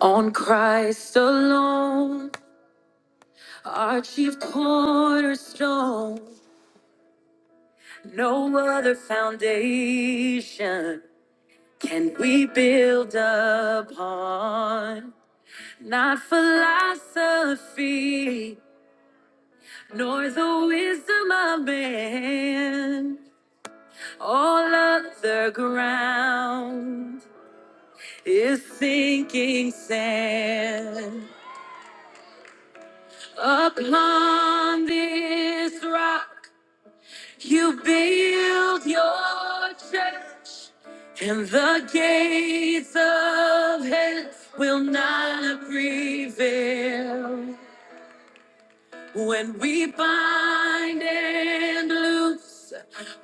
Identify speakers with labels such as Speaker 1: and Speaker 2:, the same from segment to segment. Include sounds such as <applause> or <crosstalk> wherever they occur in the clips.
Speaker 1: On Christ alone, our chief cornerstone, no other foundation can we build upon. Not philosophy, nor the wisdom of man. All other ground is sinking sand. Upon this rock, You build your church, and the gates of hell will not prevail. When we bind and loose,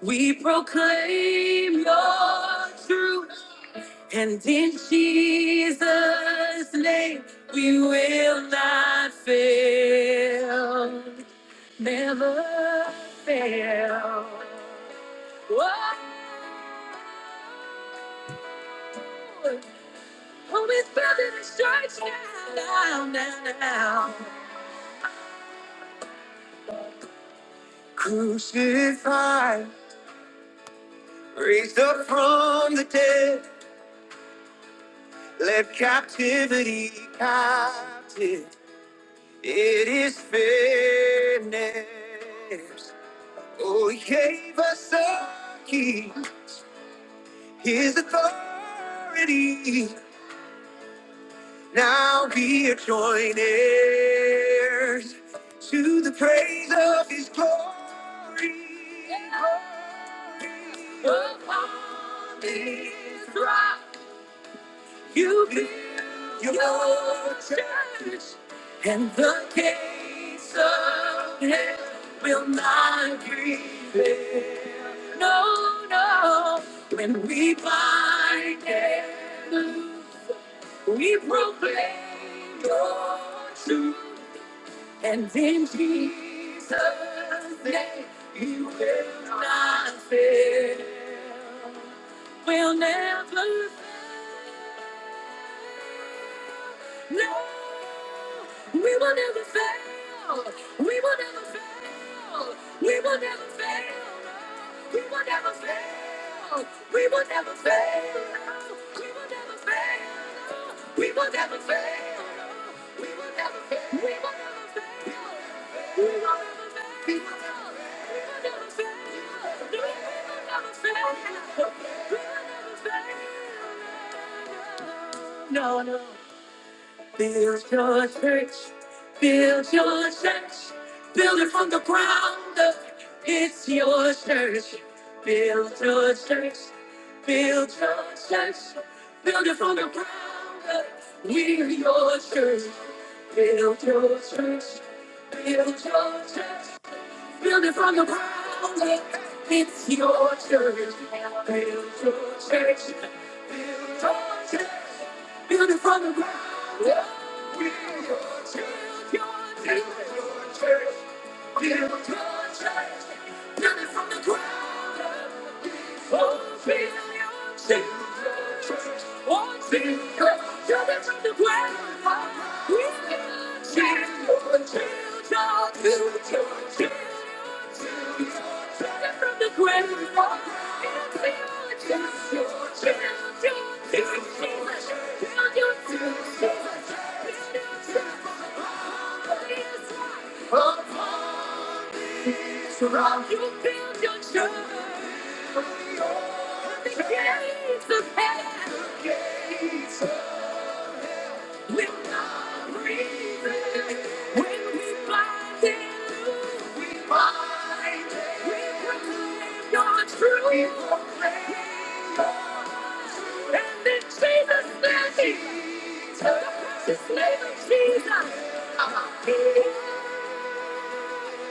Speaker 1: we proclaim your truth, and in Jesus' name we will not fail, never fail. Whoa. Oh, we feel it in church now, now, now, now. Crucified, raised up from the dead, let captivity captive. It is finished. Oh, he gave us a key, his authority. Now we are joint heirs to the praise of his glory. glory. Upon this rock you build your church, and the gates of hell will not prevail. No, no, when we bind it. We proclaim your truth, and in Jesus' name you will not fail will never fail. No, we will never fail. We will never fail. We will never fail. We will never fail. We will never fail. We will never fail. We will never fail. We will never fail. We will never fail. We will never fail. We will never fail. We will never fail. No, we will never fail. No, no. Build your church. Build your church. Build it from the ground up. It's your church. Build your church. Build your church. Build it from the ground up. We're your church. Build your church. Build your church. Build it from the ground up. It's your church. Build your church. Build your church. Build it from the ground up. Build your church. Your church. Build your church. Build your church. Build it from the ground up. It's Upon this rock You build your church. The gates of hell. the gates of Jesus, Build your church. Build your church. Build your church. Build your church. Build your church. Build your church. Build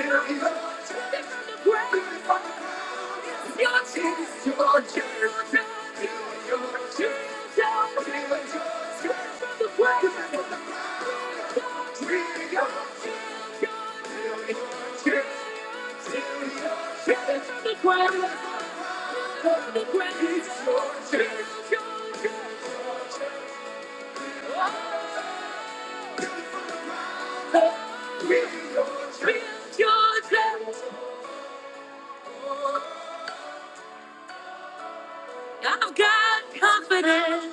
Speaker 1: your church. Build your church. Your your choice, your your choice. Your your choice, your your choice. For your choice, your your choice. I've got confidence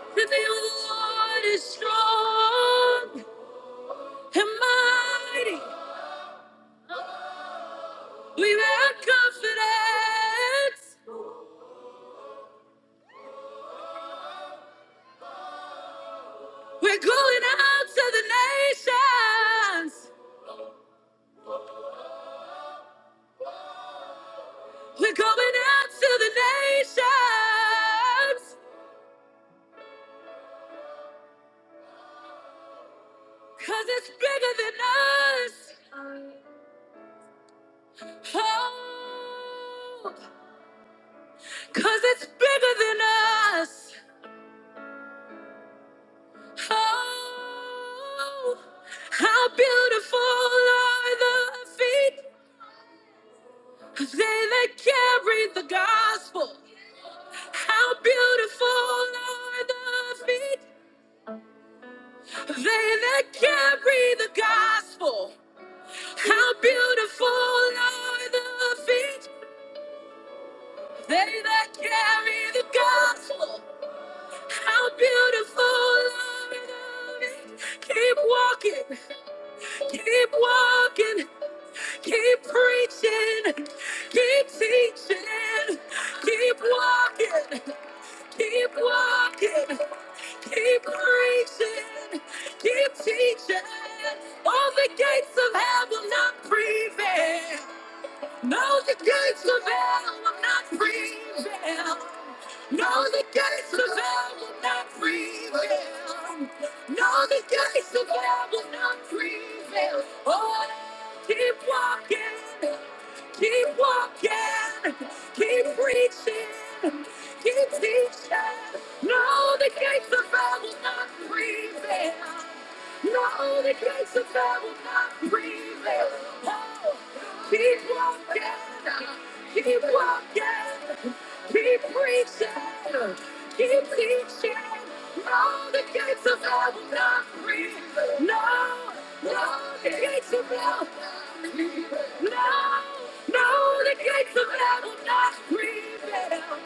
Speaker 1: that the Lord is strong. and mighty. We have confidence. We're going out to the nations. We're going out to the nations. Cause it's bigger than us. Oh, cause it's bigger than us. Oh, how beautiful are the feet of they that carry the gospel. How beautiful are the feet, of they that carry the gospel. How beautiful are the feet, of they that carry the gospel. How beautiful love is. Keep walking, keep walking, keep preaching, keep teaching, keep walking, keep walking, keep preaching, keep teaching. All the gates of hell will not prevail. No, the gates of hell will not prevail. No, the gates of hell will not prevail. No, the gates of hell will not prevail. Oh, keep walking, keep walking, keep preaching, keep teaching. No, the gates of hell will not prevail. No, the gates of hell will not prevail. Oh, keep walking, keep walking, keep preaching, keep teaching. No, the gates of hell will not prevail. No, no, the gates of hell, no, no, the gates of hell will not prevail.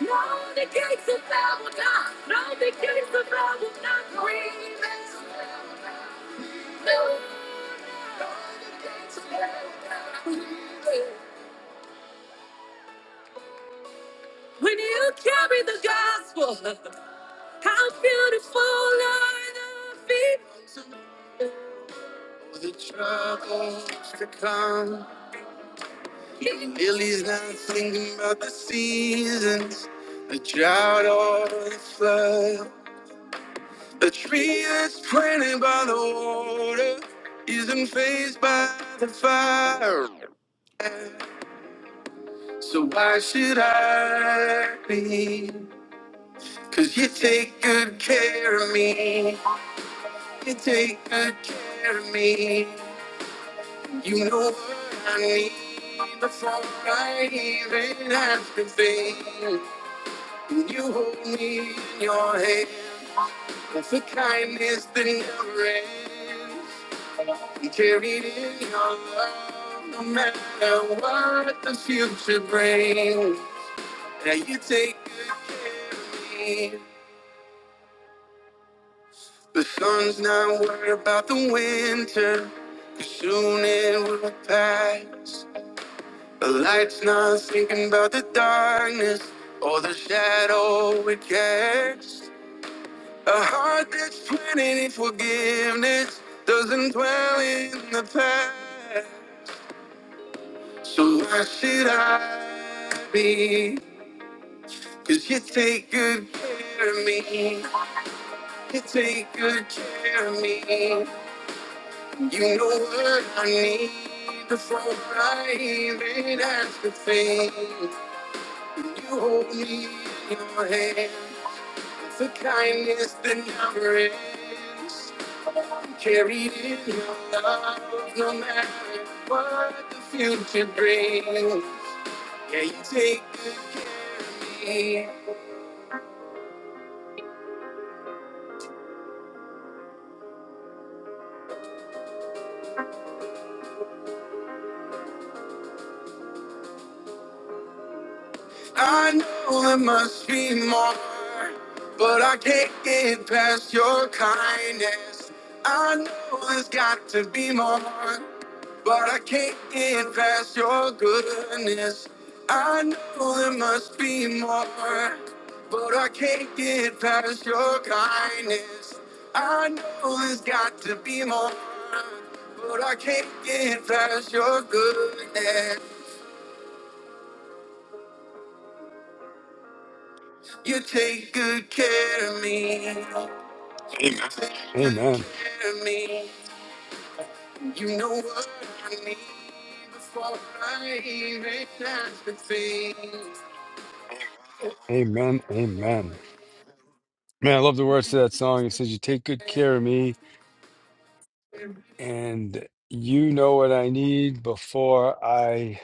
Speaker 1: No, the gates of hell will not, no, the gates of hell will not prevail. When you carry the gospel, how beautiful are the feet. For the troubles to come. Billy's not thinking about the seasons, the drought or the flood. The tree that's planted by the water isn't phased by the fire. So why should I be? Cause you take good care of me. You take good care of me. You know what I need before I even ask a thing. And you hold me in your hand. That's a kindness that never ends. You carried in your love no matter what the future brings. Now you take good care of me. The sun's not worried about the winter, 'cause soon it will pass. The light's not thinking about the darkness or the shadow it casts. A heart that's planted in forgiveness doesn't dwell in the past. So why should I be? 'Cause you take good care of me. You take good care of me. You know what I need before I even ask a thing. When you hold me in your hand, it's a kindness that never ends. Carried in your love, no matter what the future brings. Yeah, you take good care of me. I know there must be more, but I can't get past your kindness. I know there's got to be more, but I can't get past your goodness. I know there must be more, but I can't get past your kindness. I know there's got to be more, but I can't get past your goodness. You take good care of me.
Speaker 2: Amen.
Speaker 1: Academy. You know what I need before I even have to think.
Speaker 2: Amen. Amen. Man, I love the words to that song. It says, You take good care of me, and you know what I need before I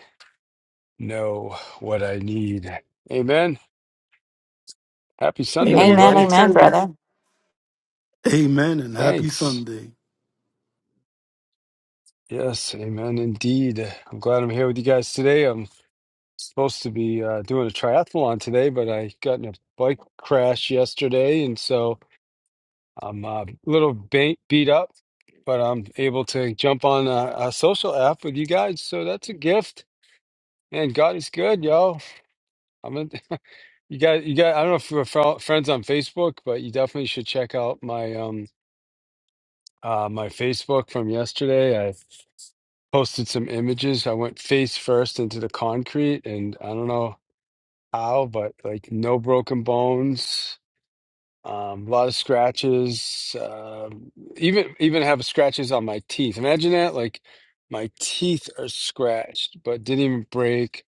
Speaker 2: know what I need. Amen. Happy Sunday,
Speaker 3: Amen.
Speaker 4: Amen,
Speaker 3: Happy
Speaker 2: everybody.
Speaker 4: amen,
Speaker 3: Sunday.
Speaker 4: brother.
Speaker 1: Amen and happy
Speaker 2: Thanks.
Speaker 1: Sunday.
Speaker 2: Yes, amen. Indeed. I'm glad I'm here with you guys today. I'm supposed to be uh, doing a triathlon today, but I got in a bike crash yesterday. And so I'm uh, a little ba- beat up, but I'm able to jump on a, a social app with you guys. So that's a gift. And God is good, yo. I'm in, <laughs> you guys. You guys. I don't know if we're fel- friends on Facebook, but you definitely should check out my um uh my Facebook from yesterday. I posted some images. I went face first into the concrete, and I don't know how, but like no broken bones. Um, a lot of scratches. Um even even have scratches on my teeth. Imagine that, like my teeth are scratched, but didn't even break.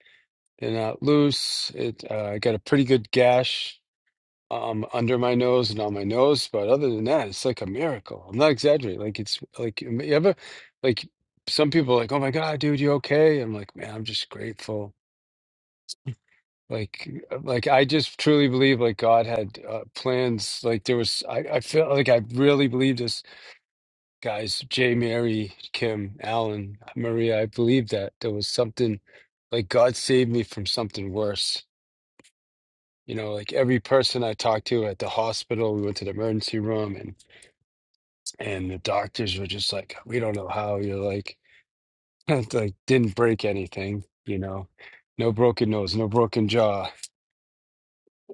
Speaker 2: They're not loose. It uh, I got a pretty good gash um under my nose and on my nose, but other than that, it's like a miracle. I'm not exaggerating. Like it's like you ever like some people are like, "Oh my God, dude, you okay?" I'm like, "Man, I'm just grateful." like uh, like i just truly believe like god had uh, plans like there was I, I feel like i really believe this guys jay mary kim alan maria i believe that there was something like god saved me from something worse you know like every person i talked to at the hospital we went to the emergency room and and the doctors were just like we don't know how you're like <laughs> like didn't break anything you know no broken nose no broken jaw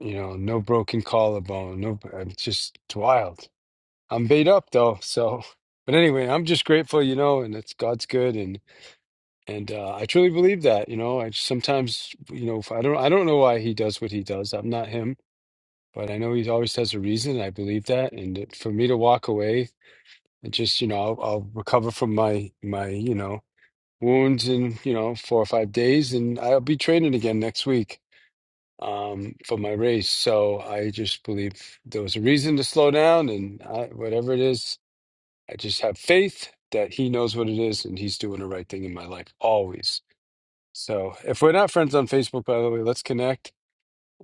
Speaker 2: You know, no broken collarbone. No, I'm just it's wild. I'm beat up though. So, <laughs> but anyway, I'm just grateful, you know, and it's God's good, and and uh, I truly believe that. You know, I just, sometimes, you know, if I don't, I don't know why he does what he does. I'm not him, but I know he always has a reason. And I believe that, and it- for me to walk away and just, you know, I'll, I'll recover from my my, you know, wounds in, you know, four or five days, and I'll be training again next week um, for my race. So I just believe there was a reason to slow down, and I, whatever it is, I just have faith that he knows what it is and he's doing the right thing in my life always. So if we're not friends on Facebook, by the way, let's connect,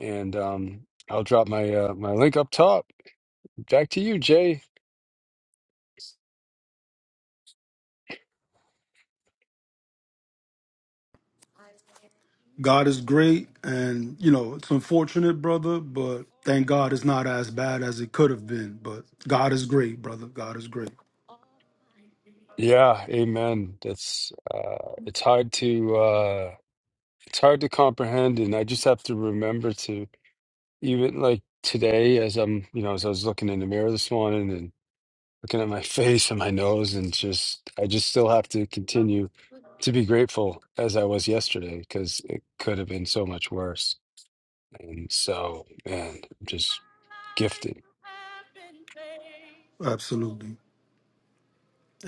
Speaker 2: and um, I'll drop my uh, my link up top. Back to you, Jay.
Speaker 1: God is great, and you know, it's unfortunate, brother, but thank God it's not as bad as it could have been. But God is great, brother. God is great.
Speaker 2: Yeah, amen. That's uh it's hard to uh it's hard to comprehend and I just have to remember to even like today as I'm, you know, as I was looking in the mirror this morning looking at my <laughs> face and my nose and just I just still have to continue to be grateful as I was yesterday because it could have been so much worse. And so, man, I'm just gifted.
Speaker 1: Absolutely.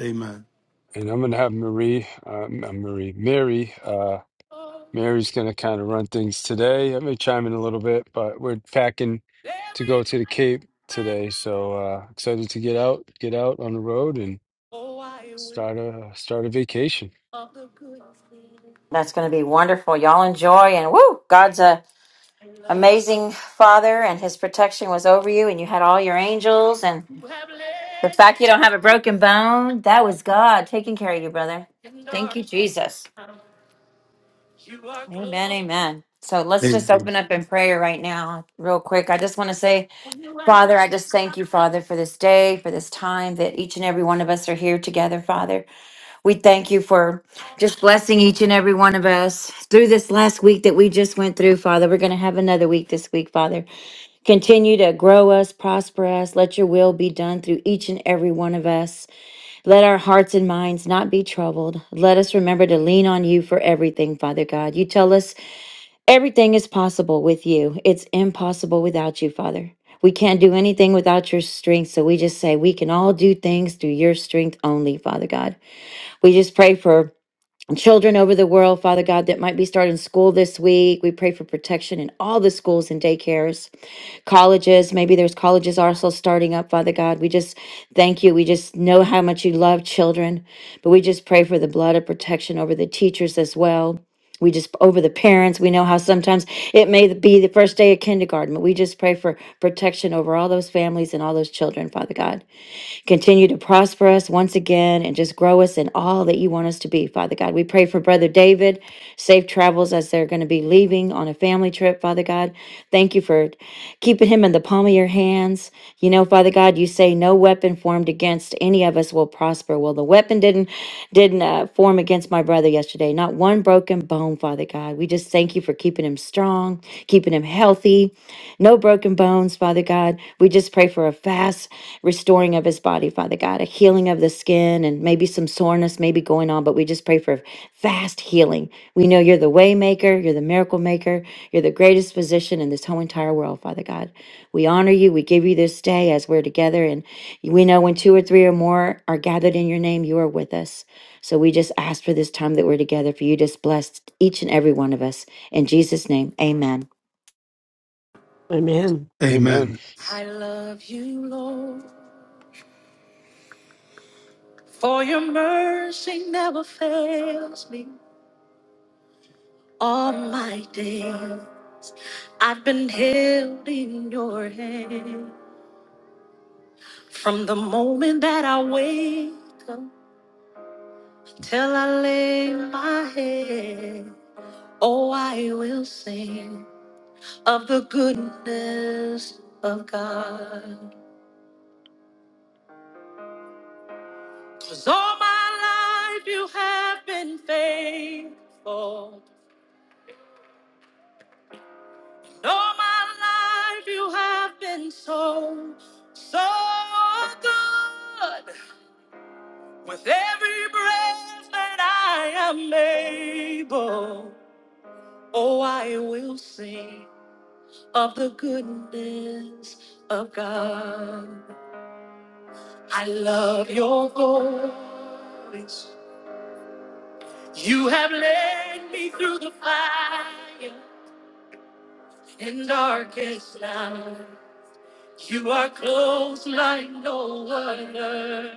Speaker 1: Amen.
Speaker 2: And I'm gonna have Marie, um, uh, Marie, Mary. Uh, Mary's gonna kind of run things today. I may chime in a little bit, but we're packing to go to the Cape today. So uh, excited to get out, get out on the road, and start a start a vacation.
Speaker 4: That's going to be wonderful. Y'all enjoy and woo! God's a
Speaker 1: love.
Speaker 4: amazing Father, and His protection was over you, and you had all your angels, and
Speaker 1: You have
Speaker 4: the
Speaker 1: led
Speaker 4: fact
Speaker 1: me
Speaker 4: you don't have a broken bone that was God taking care of you, brother.
Speaker 1: in
Speaker 4: Thank
Speaker 1: dark
Speaker 4: you, Jesus.
Speaker 1: times. You are
Speaker 4: Amen,
Speaker 1: close.
Speaker 4: amen. So let's just
Speaker 1: Amen.
Speaker 4: open up in prayer right now, real quick. I just want to say,
Speaker 1: You have
Speaker 4: Father, I just thank you, Father, for this day, for this time that each and every one of us are here together, Father. We thank you for just blessing each and every one of us through this last week that we just went through, Father. We're going to have another week this week, Father. Continue to grow us, prosper us. Let your will be done through each and every one of us. Let our hearts and minds not be troubled. Let us remember to lean on you for everything, Father God. You tell us everything is possible with you, it's impossible without you, Father. We can't do anything without your strength. So we just say we can all do things through your strength only, Father God. We just pray for children over the world, Father God, that might be starting school this week. We pray for protection in all the schools and daycares, colleges. Maybe there's colleges also starting up, Father God. We just thank you. We just know how much you love children, but we just pray for the blood of protection over the teachers as well. We just over the parents. We know how sometimes it may be the first day of kindergarten, but we just pray for protection over all those families and all those children, Father God. Continue to prosper us once again and just grow us in all that you want us to be, Father God. We pray for Brother David, safe travels as they're going to be leaving on a family trip, Father God. Thank you for keeping him in the palm of your hands. You know, Father God, you say no weapon formed against any of us will prosper. Well, the weapon didn't didn't uh, form against my brother yesterday. Not one broken bone, Father God. We just thank you for keeping him strong, keeping him healthy. No broken bones, Father God. We just pray for a fast restoring of his body, Father God, a healing of the skin and maybe some soreness maybe going on, but we just pray for fast healing. We know you're the way maker, you're the miracle maker, you're the greatest physician in this whole entire world, Father God. We honor you. We give you this day as we're together. and. We know when two or three or more are gathered in your name, you are with us. So we just ask for this time that we're together, for you just bless each and every one of us. In Jesus' name, amen.
Speaker 3: Amen.
Speaker 2: Amen.
Speaker 1: Amen. Lord, for your mercy never fails me. All my days I've been held in your hand. From the moment that I wake up till I lay my head, oh, I will sing of the goodness of God. Cause all my life you have been faithful. And all my life you have been so, so good. With every breath that I am able, oh, I will sing of the goodness of God. I love your voice. You have led me through the fire. in darkest night. You are close like no other.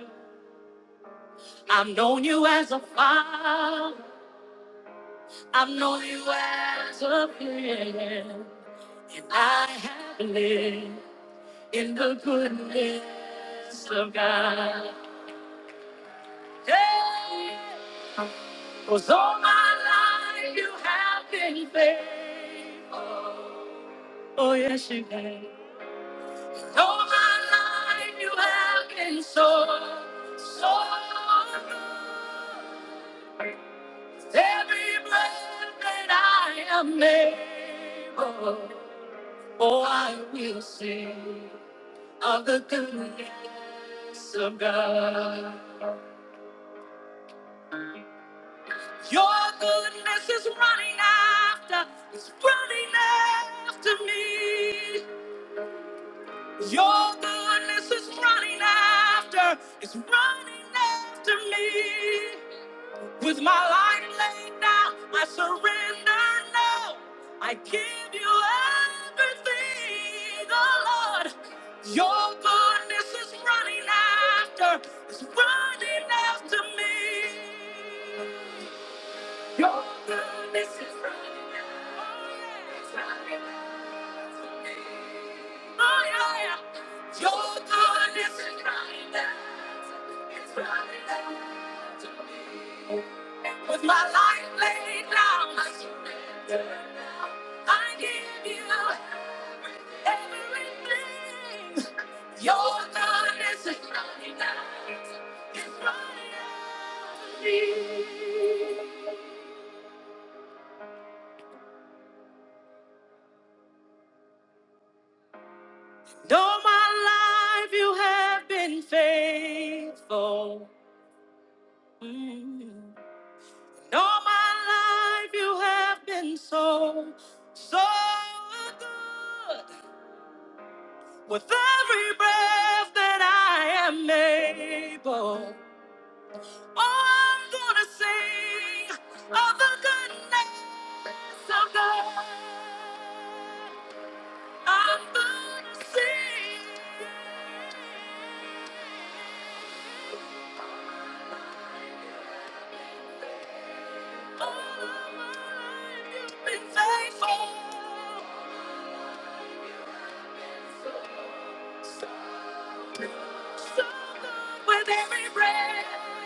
Speaker 1: I've known you as a father. I've known you as a friend. And I have lived in the goodness of God. Yeah. Cause all my life you have been faithful. Oh yes, you have. All my life you have been so, so good. Every breath that I am able, oh, I will sing of the goodness of God. Your goodness is running after, it's running after me. Your goodness is running after, it's running after me. With my life laid down, I surrender now. I give you everything, oh Lord. Your goodness is running after, it's running after me. Your goodness is running after, it's running after me. Oh yeah, yeah. Your goodness is running after, it's running after me. With my life laid down, I surrender. I give you everything. Your blood is running out. It's running out. Though my life you have been faithful. Mm. Though my life you have been so, so good. With every breath that I am able, oh, I'm gonna sing of the goodness of God. I'm gonna sing. All of my life you've been faithful. So, so so good with every breath.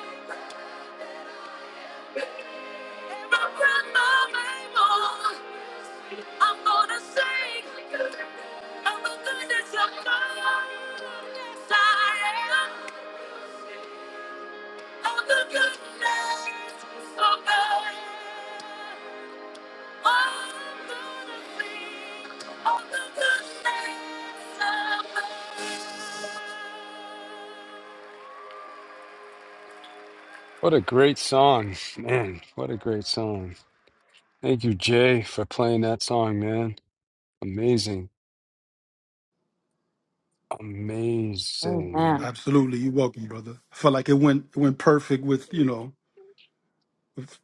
Speaker 2: What a great song, man. What a great song. Thank you, Jay, for playing that song, man. Amazing. Amazing.
Speaker 4: Amen.
Speaker 1: Absolutely, you're welcome, brother. I felt like it went it went perfect with you know with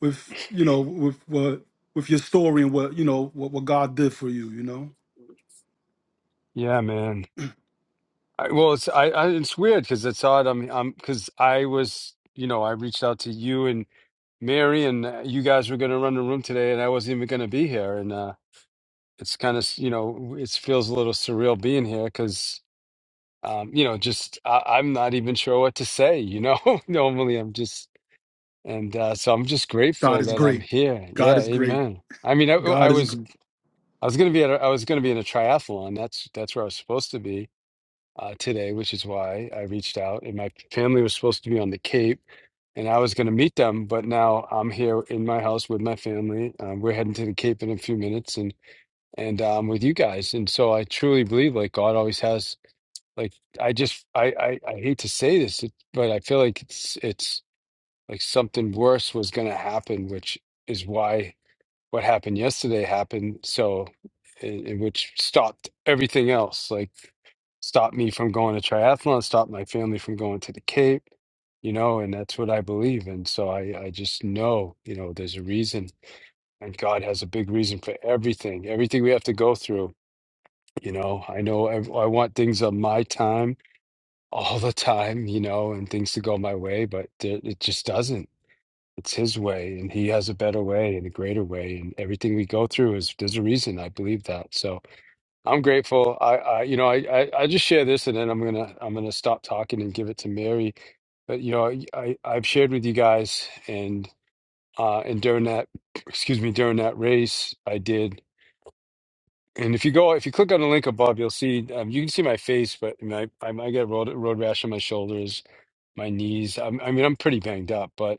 Speaker 1: with you know with what with your story and what you know what, what God did for you. You know,
Speaker 2: Yeah, man. I, well, it's I, I it's weird because it's odd. I'm I'm because I was you know I reached out to you and Mary and uh, you guys were going to run the room today and I wasn't even going to be here and uh it's kind of you know it feels a little surreal being here because um you know just I, I'm not even sure what to say you know <laughs> normally I'm just And uh, so I'm just
Speaker 1: God
Speaker 2: grateful
Speaker 1: is
Speaker 2: that I'm
Speaker 1: great.
Speaker 2: here.
Speaker 1: God
Speaker 2: Yeah,
Speaker 1: is great.
Speaker 2: amen. I mean, I, oh, I
Speaker 1: God is
Speaker 2: was
Speaker 1: great.
Speaker 2: I was gonna be at a, I was gonna be in a triathlon. That's that's where I was supposed to be uh, today, which is why I reached out. And my family was supposed to be on the Cape, and I was gonna meet them. But now I'm here in my house with my family. Um, we're heading to the Cape in a few minutes, and and um, with you guys. And so I truly believe like God always has. Like I just I, I I hate to say this, it- but I feel like it's it's like something worse was going to happen, which is why what happened yesterday happened. So, and, and which stopped everything else, like stopped me from going to triathlon, stopped my family from going to the Cape, you know, and that's what I believe. And so I, I just know, you know, there's a reason and God has a big reason for everything, everything we have to go through. You know, I know I, I want things on my time all the time, you know, and things to go my way, but it it just doesn't it's his way, and he has a better way and a greater way, and everything we go through is there's a reason. I believe that, so I'm grateful. I, I you know, I, I, I just share this, and then I'm gonna, I'm gonna stop talking and give it to Mary. But you know, I, I I've shared with you guys, and uh, and during that, <clears throat> excuse me, during that race, I did. And if you go, if you click on the link above, you'll see um, you can see my face, but I, mean, I, I I get road road rash on my shoulders, my knees. I'm, I mean, I'm pretty banged up, but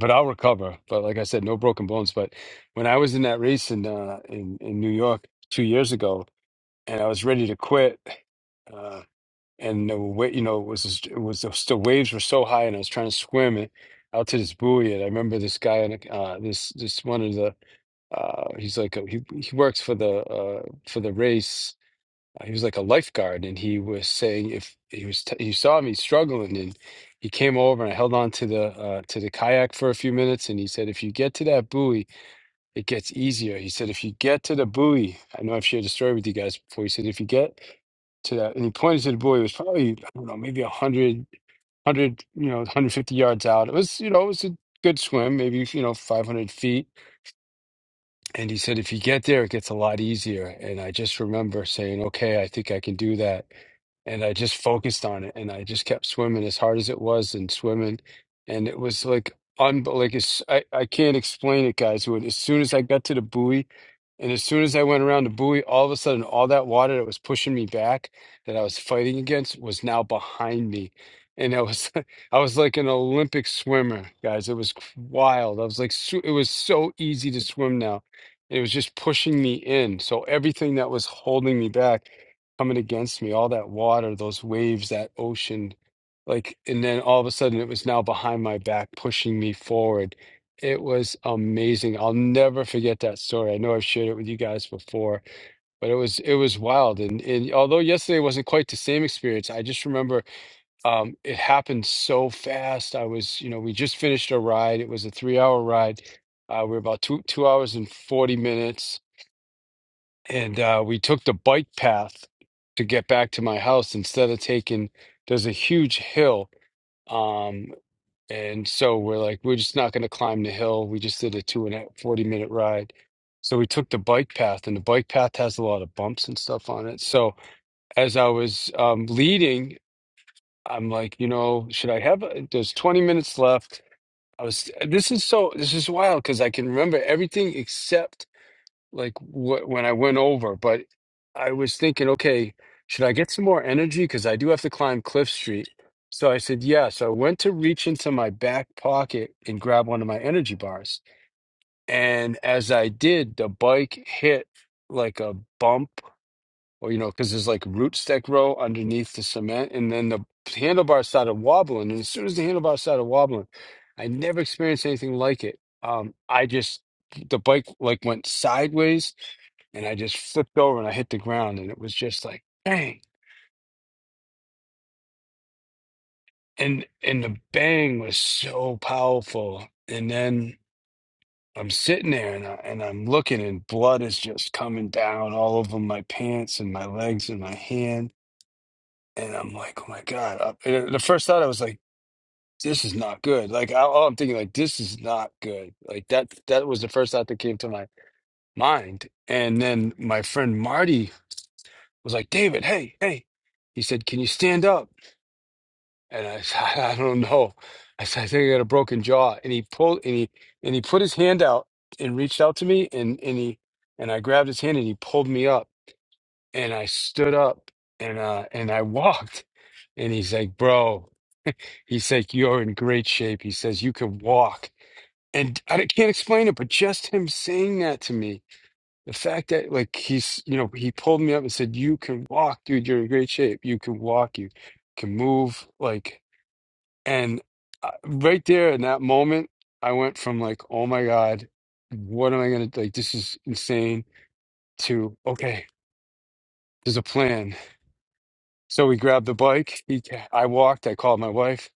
Speaker 2: but I'll recover. But like I said, no broken bones. But when I was in that race in uh, in in New York two years ago, and I was ready to quit, uh, and the wa- you know it was just- it was just the waves were so high, and I was trying to swim it out to this buoy, and I remember this guy on the- uh, this this one of the uh, he's like a, he he works for the uh, for the race uh, he was like a lifeguard and he was saying if he was t- he saw me struggling and he came over and I held on to the uh, to the kayak for a few minutes and he said if you get to that buoy it gets easier he said if you get to the buoy I know I've shared the story with you guys before he said if you get to that and he pointed to the buoy it was probably I don't know maybe a hundred, hundred, you know 150 yards out it was you know it was a good swim maybe you know 500 feet and he said, if you get there, it gets a lot easier. And I just remember saying, okay, I think I can do that. And I just focused on it and I just kept swimming as hard as it was and swimming. And it was like, un like it's, I, I can't explain it, guys. When, as soon as I got to the buoy, and as soon as I went around the buoy, all of a sudden, all that water that was pushing me back, that I was fighting against, was now behind me. And I was, <laughs> I was like an Olympic swimmer, guys. It was c- wild. I was like, so- it was so easy to swim now. It was just pushing me in. So everything that was holding me back, coming against me, all that water, those waves, that ocean, like, and then all of a sudden, it was now behind my back, pushing me forward it was amazing. I'll never forget that story. I know I've shared it with you guys before, but it was it was wild. And, and although yesterday wasn't quite the same experience, I just remember um, it happened so fast. I was, you know, we just finished a ride. It was a three hour ride. Uh, we were about two two hours and forty minutes, and uh, we took the bike path to get back to my house instead of taking. There's a huge hill. Um, and so we're like, we're just not going to climb the hill. We just did a two and a 40 minute ride. So we took the bike path, and the bike path has a lot of bumps and stuff on it. So as I was um, leading, I'm like, you know, should I have? a- There's 20 minutes left. I was, this is so, this is wild because I can remember everything except like wh- when I went over, but I was thinking, okay, should I get some more energy? Because I do have to climb Cliff Street. So I said, yeah. So I went to reach into my back pocket and grab one of my energy bars. And as I did, the bike hit like a bump or, you know, because there's like rootstock row underneath the cement. And then the handlebar started wobbling. And as soon as the handlebar started wobbling, I never experienced anything like it. Um, I just, the bike like went sideways and I just flipped over and I hit the ground and it was just like bang. And and the bang was so powerful. And then I'm sitting there and I, and I'm looking and blood is just coming down all over my pants and my legs and my hand. And I'm like, oh my God. Uh, And the first thought I was like, this is not good. Like I, all I'm thinking like this is not good. Like that that was the first thought that came to my mind. And then my friend Marty was like, David, hey, hey. He said, can you stand up? And I <laughs> said, I don't know. I said, I think I got a broken jaw. And he pulled and he and he put his hand out and reached out to me and and he and I grabbed his hand and he pulled me up and I stood up and uh and I <laughs> walked. And he's like, bro, he's like, you're in great shape. He says, you can walk. And I can't explain it, but just him saying that to me, the fact that like he's, you know, he pulled me up and said, you can walk, dude. You're in great shape. You can walk. You can move. Like and uh, right there in that moment, I went from like, oh my God, what am I gonna like? This is insane. To okay, there's a plan. So we grabbed the bike. He, I walked. I called my wife,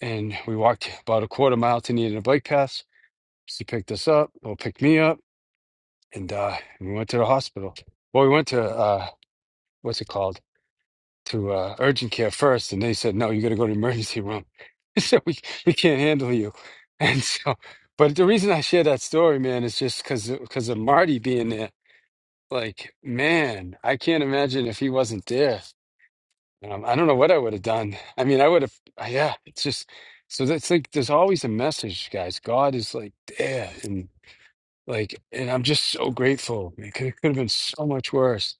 Speaker 2: and we walked about a quarter mile to needing a bike pass. She picked us up, or picked me up, and uh, we went to the hospital. Well, we went to uh, what's it called? to uh, urgent care first, and they said, "No, you got to go to the emergency room." <laughs> so we we can't handle you. <laughs> And so, but the reason I share that story, man, is just because because of Marty being there. Like, man, I can't imagine if he wasn't there. Um, I don't know what I would have done. I mean, I would have. Yeah, it's just so that's like there's always a message, guys. God is like there, and. Like, and I'm just so grateful because it could have been so much worse.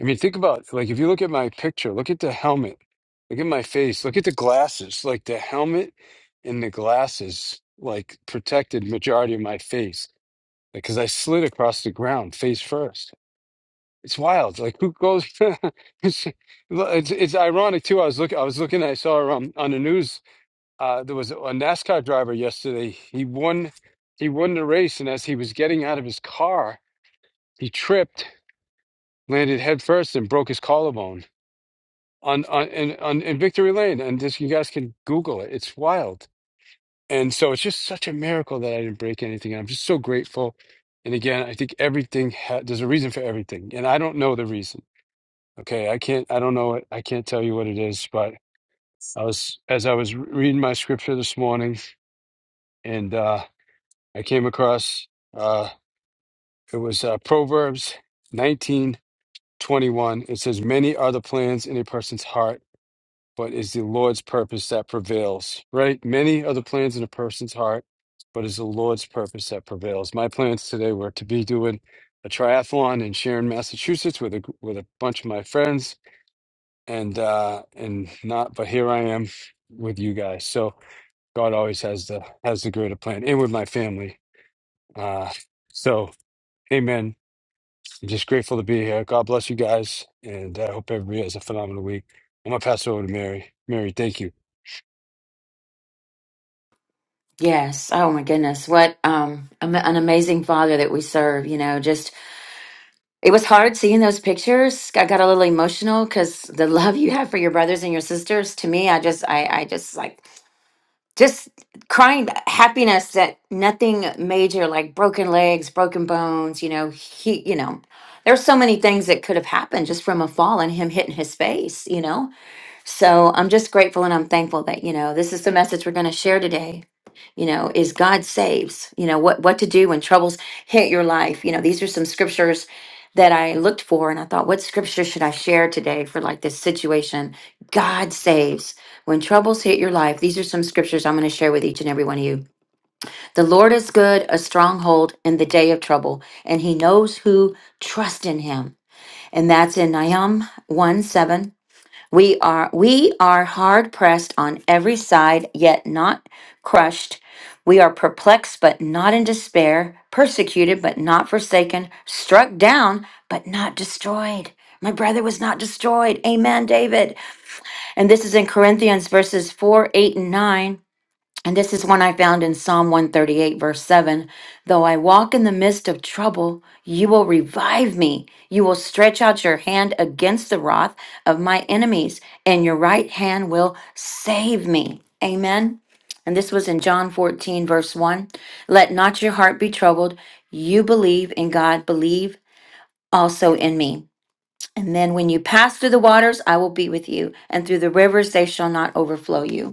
Speaker 2: I mean, think about like if you look at my picture, look at the helmet, look at my face, look at the glasses. Like the helmet and the glasses like protected majority of my face because I slid across the ground face first. It's wild. Like who goes? <laughs> it's, it's it's ironic too. I was looking. I was looking. I saw um, on the news uh, there was a NASCAR driver yesterday. He won. He won the race, and as he was getting out of his car he tripped, landed headfirst, and broke his collarbone on on in, on in Victory Lane. And this, you guys can Google it. It's wild. And so it's just such a miracle that I didn't break anything. And I'm just so grateful. And again, I think everything ha there's a reason for everything, and I don't know the reason. Okay, I can't. I don't know it. I can't tell you what it is. But I was as I was reading my scripture this morning, and uh, I came across uh, it was uh, Proverbs 19:21. it says many are the plans in a person's heart but is the Lord's purpose that prevails, right? Many are the plans in a person's heart, but it's the Lord's purpose that prevails. My plans today were to be doing a triathlon in Sharon, Massachusetts with a with a bunch of my friends and uh and not but here I am with you guys. So God always has the has the greater plan and with my family. Uh so amen. I'm just grateful to be here. God bless you guys and I hope everybody has a phenomenal week. I'm gonna pass it over to Mary. Mary, thank you.
Speaker 4: Yes. Oh my goodness. What um am- an amazing father that we serve, you know. Just it was hard seeing those pictures. I got a little emotional cuz the <laughs> love you have for your brothers and your sisters to me, I just I I just like just crying happiness that nothing major like broken legs broken bones you know he you know there's so many things that could have happened just from a fall and him hitting his face you know so I'm just grateful and I'm thankful that, you know, this is the message we're going to share today. You know, is God saves, you know, what what to do when troubles hit your life. You know, these are some scriptures that I looked for and I thought, what scripture should I share today for like this situation? God saves. When troubles hit your life, these are some scriptures I'm going to share with each and every one of you. The Lord is good, a stronghold in the day of trouble, and he knows who trust in him. And that's in Nahum 1 7 we are we are hard pressed on every side yet not crushed. We are perplexed but not in despair, persecuted but not forsaken, struck down but not destroyed. My brother was not destroyed. Amen, David. And this is in Corinthians verses 4, 8, and 9. And this is one I found in Psalm 138, verse 7. Though I walk in the midst of trouble, you will revive me. You will stretch out your hand against the wrath of my enemies, and your right hand will save me. Amen. And this was in John 14, verse 1. Let not your heart be troubled. You believe in God, believe also in me. And then when you pass through the waters, I will be with you, and through the rivers, they shall not overflow you.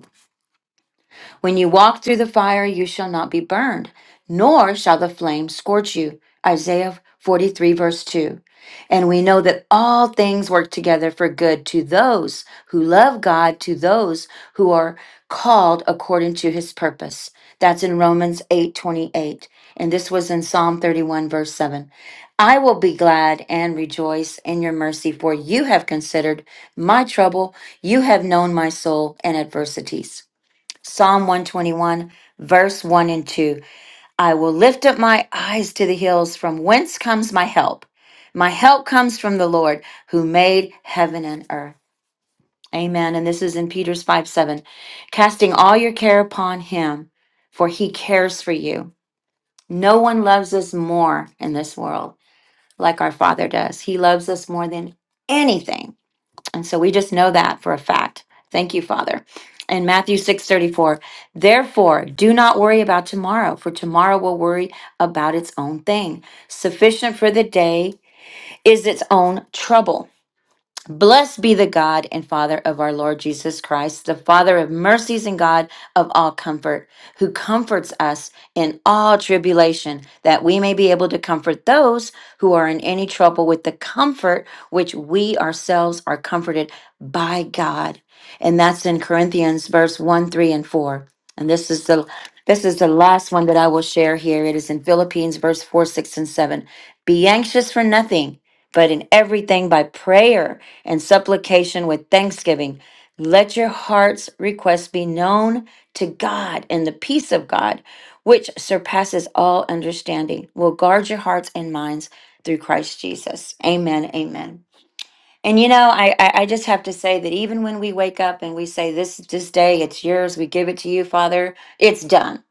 Speaker 4: When you walk through the fire, you shall not be burned, nor shall the flame scorch you. Isaiah 43, verse 2. And we know that all things work together for good to those who love God, to those who are called according to his purpose. That's in Romans 8 28, And this was in Psalm 31, verse 7. I will be glad and rejoice in your mercy, for you have considered my trouble. You have known my soul and adversities. Psalm 121, verse 1 and 2. I will lift up my eyes to the hills, from whence comes my help? My help comes from the Lord who made heaven and earth. Amen. And this is in Peter's 5 7. Casting all your care upon him, for he cares for you. No one loves us more in this world like our Father does. He loves us more than anything and so we just know that for a fact. Thank you, Father. In Matthew 6:34, therefore, do not worry about tomorrow, for tomorrow will worry about its own thing. Sufficient for the day is its own trouble. Blessed be the God and Father of our Lord Jesus Christ, the Father of mercies and God of all comfort, who comforts us in all tribulation, that we may be able to comfort those who are in any trouble with the comfort which we ourselves are comforted by God. And that's in Corinthians verse 1, 3, and 4. And this is the this is the last one that I will share here. It is in Philippines verse 4, 6, and 7. Be anxious for nothing but in everything by prayer and supplication with thanksgiving. Let your heart's requests be known to God, and the peace of God, which surpasses all understanding, will guard your hearts and minds through Christ Jesus. Amen. Amen. And you know, I, I I just have to say that even when we wake up and we say, This this day, it's yours, we give it to you, Father, it's done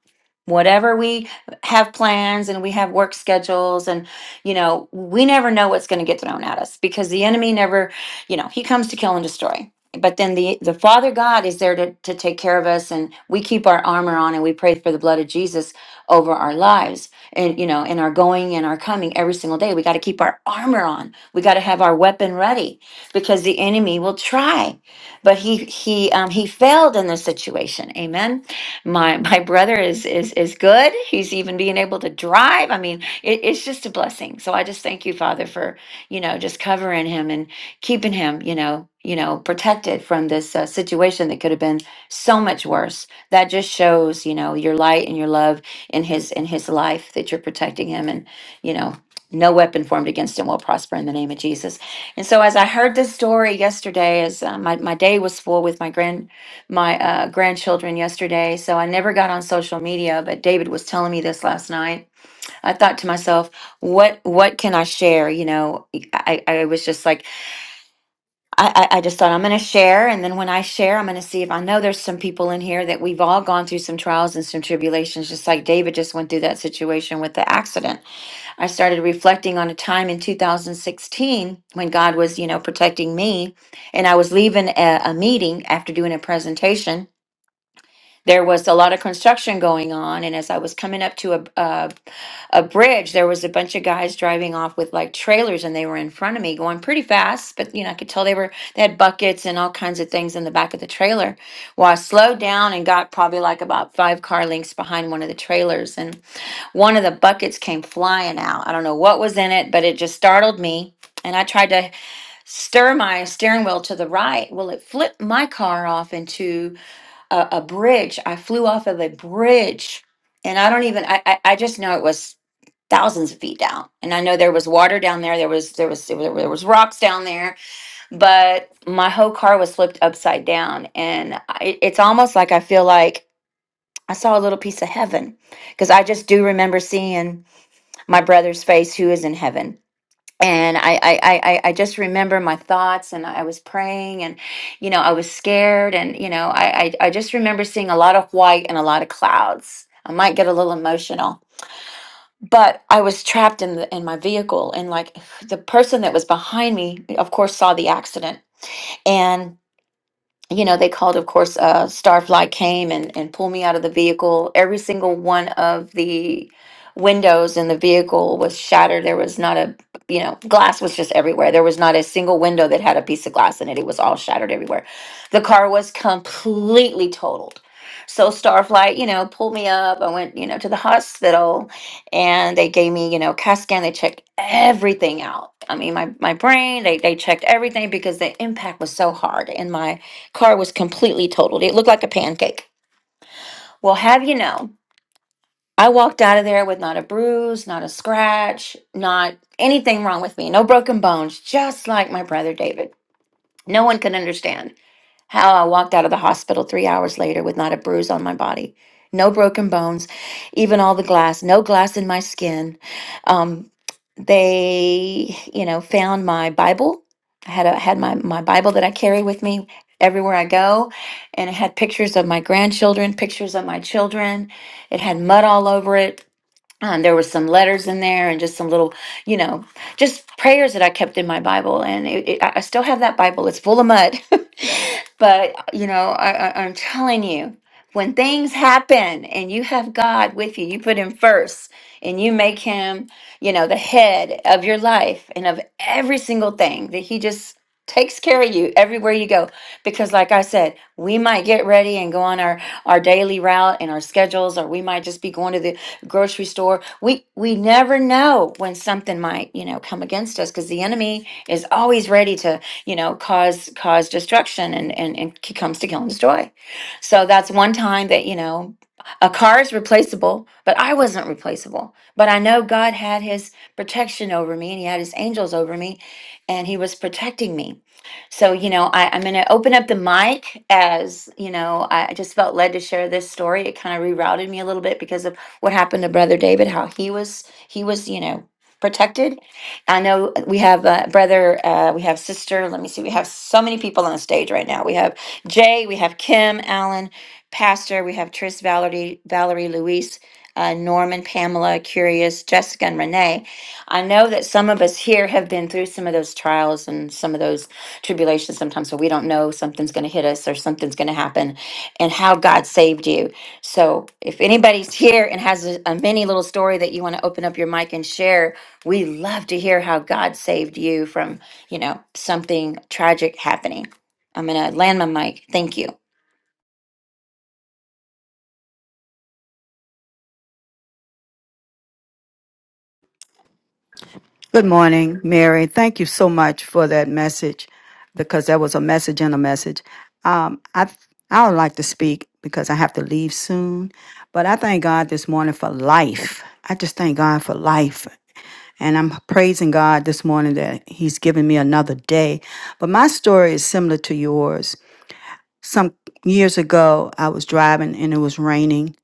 Speaker 4: whatever we have plans and we have work schedules and you know we never know what's going to get thrown at us because the enemy never you know he comes to kill and destroy but then the the father god is there to, to take care of us and we keep our armor on and we pray for the blood of jesus over our lives and you know in our going and our coming every single day we got to keep our armor on we got to have our weapon ready because the enemy will try but he he um he failed in this situation amen my my brother is is is good. He's even being able to drive. I mean, it, it's just a blessing. So I just thank you, Father, for you know just covering him and keeping him, you know, you know, protected from this uh, situation that could have been so much worse. That just shows, you know, your light and your love in his in his life that you're protecting him and you know. No weapon formed against him will prosper in the name of Jesus. And so, as I heard this story yesterday, as uh, my, my day was full with my grandchildren my uh, grandchildren yesterday, so I never got on social media. But David was telling me this last night. I thought to myself, what what can I share? You know, I, I I was just like, I, I I just thought I'm going to share, and then when I share, I'm going to see if I know there's some people in here that we've all gone through some trials and some tribulations, just like David just went through that situation with the accident. I started reflecting on a time in 2016 when God was, you know, protecting me, and I was leaving a, a meeting after doing a presentation there was a lot of construction going on and as i was coming up to a, a a bridge there was a bunch of guys driving off with like trailers and they were in front of me going pretty fast but you know i could tell they were they had buckets and all kinds of things in the back of the trailer well i slowed down and got probably like about five car lengths behind one of the trailers and one of the buckets came flying out i don't know what was in it but it just startled me and i tried to stir my steering wheel to the right well it flipped my car off into a, a bridge. I flew off of a bridge, and I don't even. I, I I just know it was thousands of feet down, and I know there was water down there. There was there was there, were- there was rocks down there, but my whole car was flipped upside down, and I, it's almost like I feel like I saw a little piece of heaven because I just do remember seeing my brother's face who is in heaven and I, I i i I just remember my thoughts and i was praying and you know i was scared and you know i i, I just remember seeing a lot of white and a lot of clouds i might get a little emotional but i was trapped in the in my vehicle and like <sighs> the person that was behind me of course saw the accident and you know, they called, of course, uh, Starflight came and, and pulled me out of the vehicle. Every single one of the windows in the vehicle was shattered. There was not a, you know, glass was just everywhere. There was not a single window that had a piece of glass in it. It was all shattered everywhere. The car was completely totaled. So Starflight, you know, pulled me up. I went, you know, to the hospital and they gave me, you know, CAT scan. They checked everything out. I mean, my, my brain, they, they checked everything because the impact was so hard. And my car was completely totaled. It looked like a pancake. Well, have you know, I walked out of there with not a bruise, not a scratch, not anything wrong with me, no broken bones, just like my brother David. No one could understand. How I walked out of the hospital three hours later with not a bruise on my body, no broken bones, even all the glass, no glass in my skin. Um, they, you know, found my Bible. I had a, had my my Bible that I carry with me everywhere I go, and it had pictures of my grandchildren, pictures of my children. It had mud all over it um, there was some letters in there and just some little you know just prayers that i kept in my bible and it, it, i I still have that bible it's full of mud <laughs> but you know I, I, i'm telling you when things happen and you have god with you you put him first and you make him you know the head of your life and of every single thing that he just takes care of you everywhere you go because like i said we might get ready and go on our our daily route and our schedules or we might just be going to the grocery store. We we never know when something might, you know, come against us because the enemy is always ready to, you know, cause cause destruction and and and he comes to kill and destroy. So that's one time that, you know, a car is replaceable, but I wasn't replaceable. But I know God had his protection over me and he had his angels over me and he was protecting me. So, you know, I, I'm going to open up the mic as, you know, I I just felt led to share this story. It kind of rerouted me a little bit because of what happened to brother david how he was he was you know protected i know we have uh, brother uh, we have sister let me see we have so many people on the stage right now we have jay we have kim Alan, pastor we have tris valerie valerie luis uh, norman pamela curious jessica and renee i know that some of us here have been through some of those trials and some of those tribulations sometimes so we don't know something's going to hit us or something's going to happen and how god saved you so if anybody's here and has a, a mini little story that you want to open up your mic and share, we love to hear how God saved you from, you know, something tragic happening. I'm going to land my mic. Thank you.
Speaker 5: Good morning, Mary. Thank you so much for that message because that was a message and a message. Um, I I would like to speak because I have to leave soon, but I thank God this morning for life. I just thank God for life, and I'm praising God this morning that He's given me another day. But my story is similar to yours. Some years ago, I was driving and it was raining,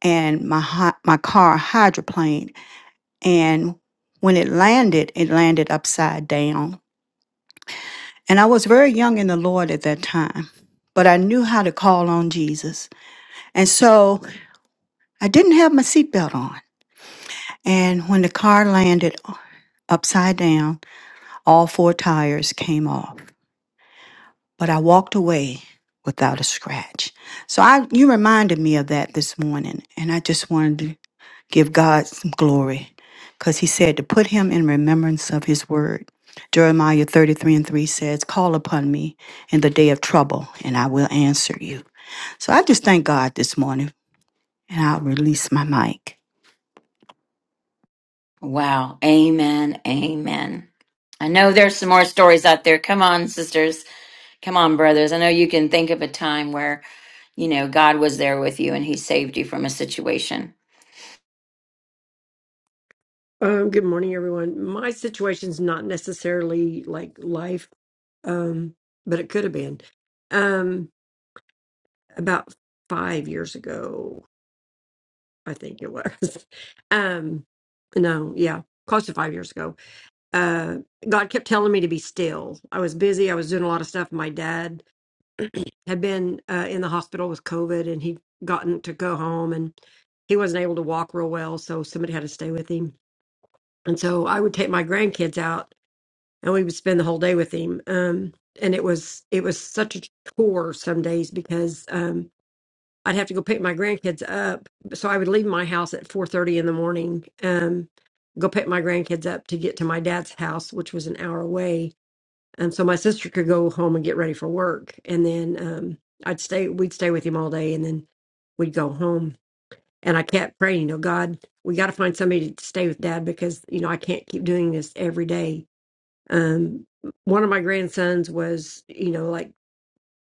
Speaker 5: and my hy- my car hydroplaned and when it landed, it landed upside down. And I was very young in the Lord at that time, but I knew how to call on Jesus. And so I didn't have my seatbelt on. And when the car landed upside down, all four tires came off. But I walked away without a scratch. So I you reminded me of that this morning and I just wanted to Give God some glory because he said to put him in remembrance of his word. Jeremiah 33 and 3 says, Call upon me in the day of trouble and I will answer you. So I just thank God this morning and I'll release my mic.
Speaker 4: Wow. Amen. Amen. I know there's some more stories out there. Come on, sisters. Come on, brothers. I know you can think of a time where, you know, God was there with you and he saved you from a situation.
Speaker 3: Um, good morning, everyone. My situation's not necessarily like life, um, but it could have been. Um, about five years ago, I think it was. <laughs> Um, no, yeah, close to five years ago. Uh, God kept telling me to be still. I was busy. I was doing a lot of stuff. My dad had been uh, in the hospital with COVID, and he'd gotten to go home, and he wasn't able to walk real well, so somebody had to stay with him And so I would take my grandkids out and we would spend the whole day with him. Um, and it was it was such a chore some days because um, I'd have to go pick my grandkids up. So I would leave my house at four thirty in the morning, um, go pick my grandkids up to get to my dad's house, which was an hour away. And so my sister could go home and get ready for work, and then um, I'd stay. We'd stay with him all day, and then we'd go home and I kept praying, you know, God, we got to find somebody to stay with dad because, you know, I can't keep doing this every day. Um, one of my grandsons was, you know, like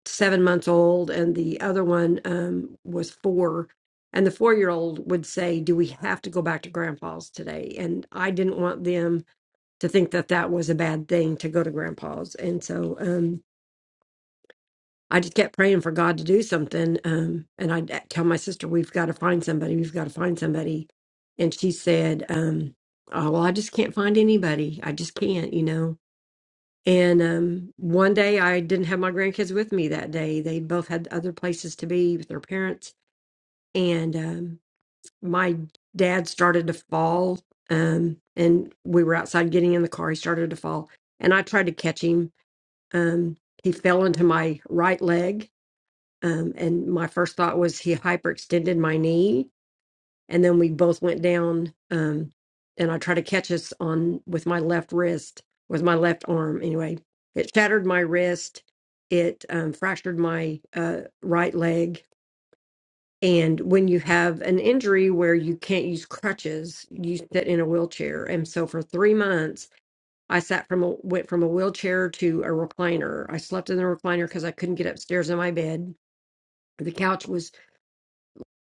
Speaker 3: seven months old, and the other one um, was four. And the four year old would say, Do we have to go back to grandpa's today? And I didn't want them to think that that was a bad thing to go to grandpa's. And so, um, I just kept praying for God to do something. Um, and I tell my sister, we've got to find somebody. We've got to find somebody. And she said, um, oh, well, I just can't find anybody. I just can't, you know. And um, one day I didn't have my grandkids with me that day. They both had other places to be with their parents. And um, my dad started to fall. Um, and we were outside getting in the car. He started to fall. And I tried to catch him. Um, he fell into my right leg um, and my first thought was he hyperextended my knee, and then we both went down. Um, and I tried to catch us on with my left wrist, with my left arm. Anyway, it shattered my wrist. It um, fractured my uh, right leg. And when you have an injury where you can't use crutches, you sit in a wheelchair. And so for three months, I sat from a, went from a wheelchair to a recliner. I slept in the recliner because I couldn't get upstairs in my bed. The couch was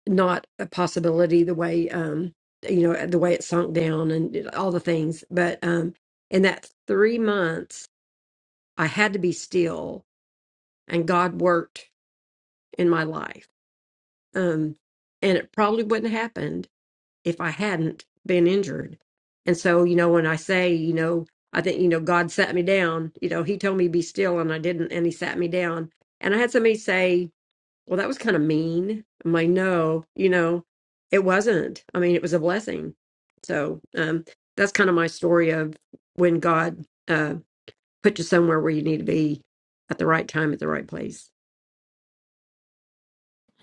Speaker 3: not a possibility the way um you know the way it sunk down and uh, all the things but um in that three months i had to be still and god worked in my life um and it probably wouldn't have happened if i hadn't been injured and so you know when i say you know i think you know god sat me down you know he told me be still and i didn't and he sat me down and i had somebody say well, that was kind of mean. I'm like, no, you know, it wasn't. I mean, it was a blessing. So um, that's kind of my story of when God uh, put you somewhere where you need to be at the right time, at the right place.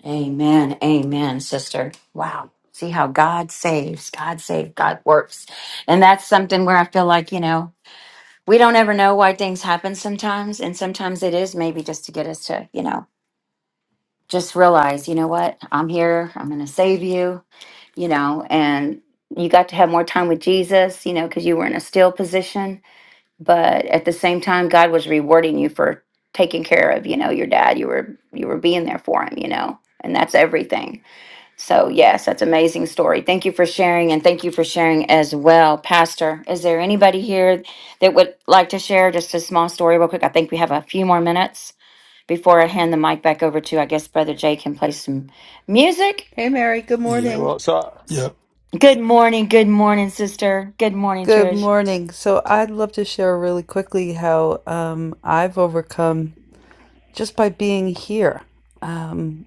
Speaker 4: Amen. Amen, sister. Wow. See how God saves, God saves, God works. And that's something where I feel like, you know, we don't ever know why things happen sometimes. And sometimes it is maybe just to get us to, you know, just realize, you know what, I'm here, I'm going to save you, you know, and you got to have more time with Jesus, you know, because you were in a still position. But at the same time, God was rewarding you for taking care of, you know, your dad. You were, you were being there for him, you know, and that's everything so, yes, that's an amazing story. Thank you for sharing, and thank you for sharing as well, Pastor. Is there anybody here that would like to share just a small story, real quick? I think we have a few more minutes before I hand the mic back over to, I guess, Brother Jay can play some music.
Speaker 6: Hey, Mary. Good
Speaker 1: Yep.
Speaker 6: morning.
Speaker 2: Well, so
Speaker 1: Yep.
Speaker 4: Good morning, good morning, sister. Good morning,
Speaker 6: Good
Speaker 4: Trish.
Speaker 6: morning. So I'd love to share really quickly how um, I've overcome just by being here. Um,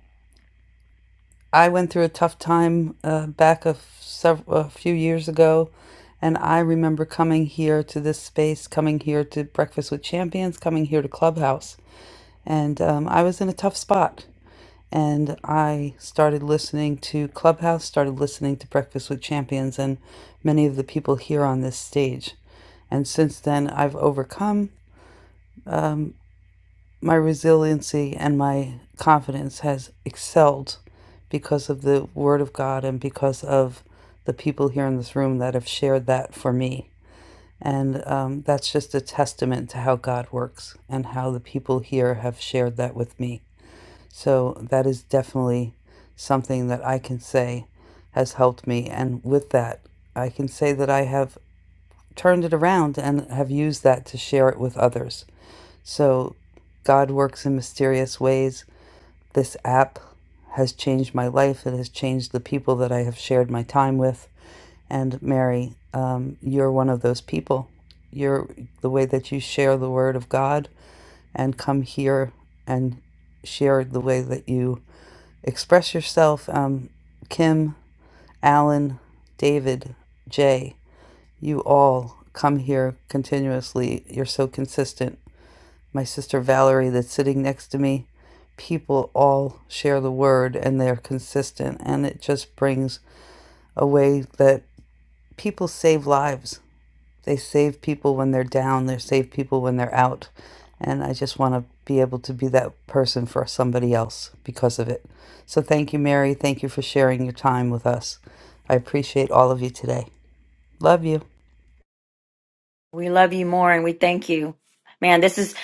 Speaker 6: I went through a tough time uh, back a, sev- a few years ago, and I remember coming here to this space, coming here to Breakfast with Champions, coming here to Clubhouse, and um, I was in a tough spot. and I started listening to Clubhouse, started listening to Breakfast with Champions, and many of the people here on this stage. And since then, I've overcome um, my resiliency and my confidence has excelled because of the Word of God and because of the people here in this room that have shared that for me. And um, that's just a testament to how God works and how the people here have shared that with me. So that is definitely something that I can say has helped me. And with that, I can say that I have turned it around and have used that to share it with others. So God works in mysterious ways. This app has changed my life. It has changed the people that I have shared my time with. And Mary, um, you're one of those people. You're the way that you share the word of God and come here and share the way that you Express yourself, um, Kim, Alan, David, Jay. You all come here continuously. You're so consistent. My sister Valerie, that's sitting next to me, people all share the word and they're consistent. And it just brings a way that people save lives they save people when they're down, they save people when they're out. And I just want to be able to be that person for somebody else because of it. So thank you, Mary. Thank you for sharing your time with us. I appreciate all of you today. Love you.
Speaker 4: We love you more, and we thank you, man. This is,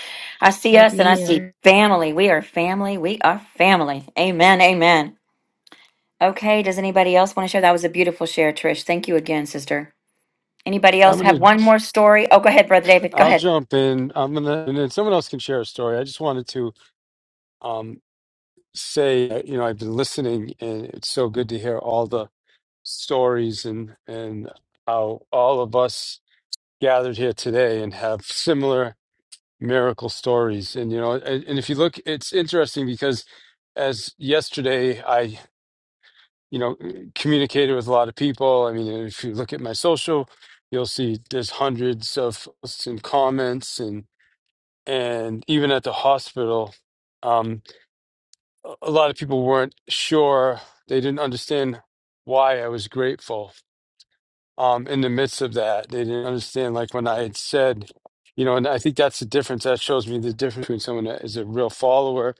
Speaker 4: I see
Speaker 7: Love
Speaker 4: us,
Speaker 7: you
Speaker 4: and I see
Speaker 7: more.
Speaker 4: family. We are family. We are family. Amen. Amen. Okay. Does anybody else want to share? That was a beautiful share, Trish. Thank you again, sister. Anybody
Speaker 2: I'm
Speaker 4: else have
Speaker 2: gonna.
Speaker 4: one more story? Oh, go ahead, Brother David. Go
Speaker 2: I'll
Speaker 4: ahead.
Speaker 2: jump in. I'm gonna, and then someone else can share a story. I just wanted to um, say, uh, you know, I've been listening, and it's so good to hear all the stories and and how all of us gathered here today and have similar miracle stories. And you know, and, and if you look, it's interesting because as yesterday, I you know communicated with a lot of people. I mean, if you look at my social, you'll see there's hundreds of posts and comments and. and even at the hospital, um, a a lot of people weren't sure. They didn't understand why I was grateful. Um, in the midst of that, they didn't understand. Like when I had said, you know, and I think that's the difference. That shows me the difference between someone that is a real follower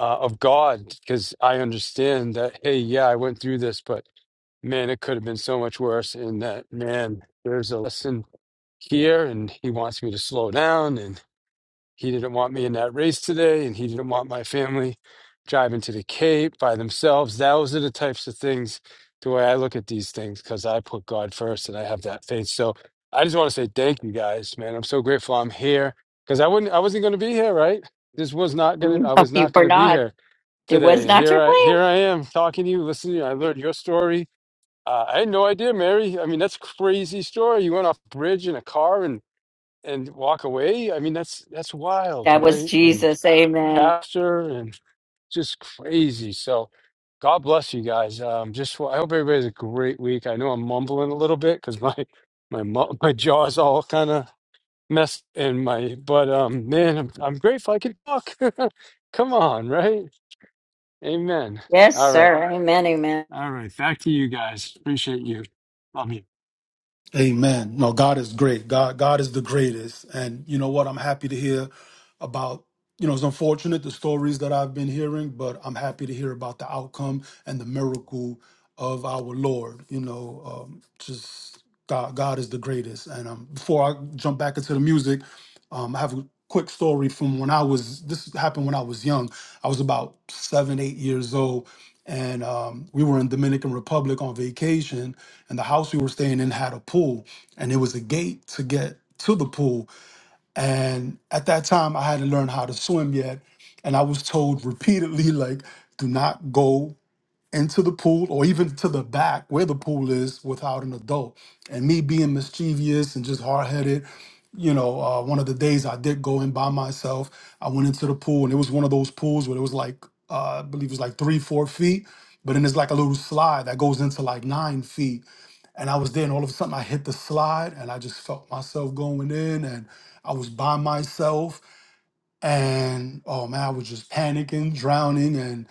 Speaker 2: uh, of God, because I understand that. Hey, yeah, I went through this, but man, it could have been so much worse. And that man, there's a lesson here, and He wants me to slow down, and. He didn't want me in that race today, and he didn't want my family driving to the Cape by themselves. Those are the types of things, the way I look at these things, because I put God first and I have that faith. So I just want to say thank you guys, man. I'm so grateful I'm here because I wouldn't, I wasn't going to be here, right? This was not going to,
Speaker 4: No,
Speaker 2: I was
Speaker 4: you
Speaker 2: not
Speaker 4: were
Speaker 2: going to be
Speaker 4: not.
Speaker 2: here
Speaker 4: It was
Speaker 2: today, and
Speaker 4: not
Speaker 2: here
Speaker 4: your
Speaker 2: I,
Speaker 4: plan.
Speaker 2: here I am talking to you, listening. to you. I learned your story. Uh, I had no idea, Mary. I mean, that's a crazy story. You went off a bridge in a car and and walk away. I mean, that's that's wild,
Speaker 4: That was
Speaker 2: right? And
Speaker 4: Jesus. Amen.
Speaker 2: pastor and just crazy. So, God bless you guys. Um, just I hope everybody has a great week. I know I'm mumbling a little bit because my my mu- <laughs> my jaw's all kind of messed in my. But um, man, I'm, I'm grateful I can talk. <laughs> Come on, right? Amen.
Speaker 4: Yes,
Speaker 2: All right,
Speaker 4: sir. Amen. Amen.
Speaker 2: all right. Back to you guys. Appreciate you. Love you.
Speaker 1: Amen. No, God is great. God, God is the greatest. And you know what? I'm happy to hear about. You know, it's unfortunate the stories that I've been hearing, but I'm happy to hear about the outcome and the miracle of our Lord. You know, um, just God, God is the greatest. And um, before I jump back into the music, um, I have a quick story from when I was. This happened when I was young. I was about seven, eight years old, and um, we were in Dominican Republic on vacation, and the house we were staying in had a pool, and it was a gate to get to the pool. And at that time, I hadn't learned how to swim yet, and I was told repeatedly, like, "Do not go." into the pool or even to the back where the pool is without an adult. And me being mischievous and just hard headed, you know, uh, one of the days I did go in by myself, I went into the pool and it was one of those pools where it was like, uh, I believe it was like three, four feet, but then there's like a little slide that goes into like nine feet. And I was there and all of a sudden I hit the slide and I just felt myself going in and I was by myself and oh man, I was just panicking, drowning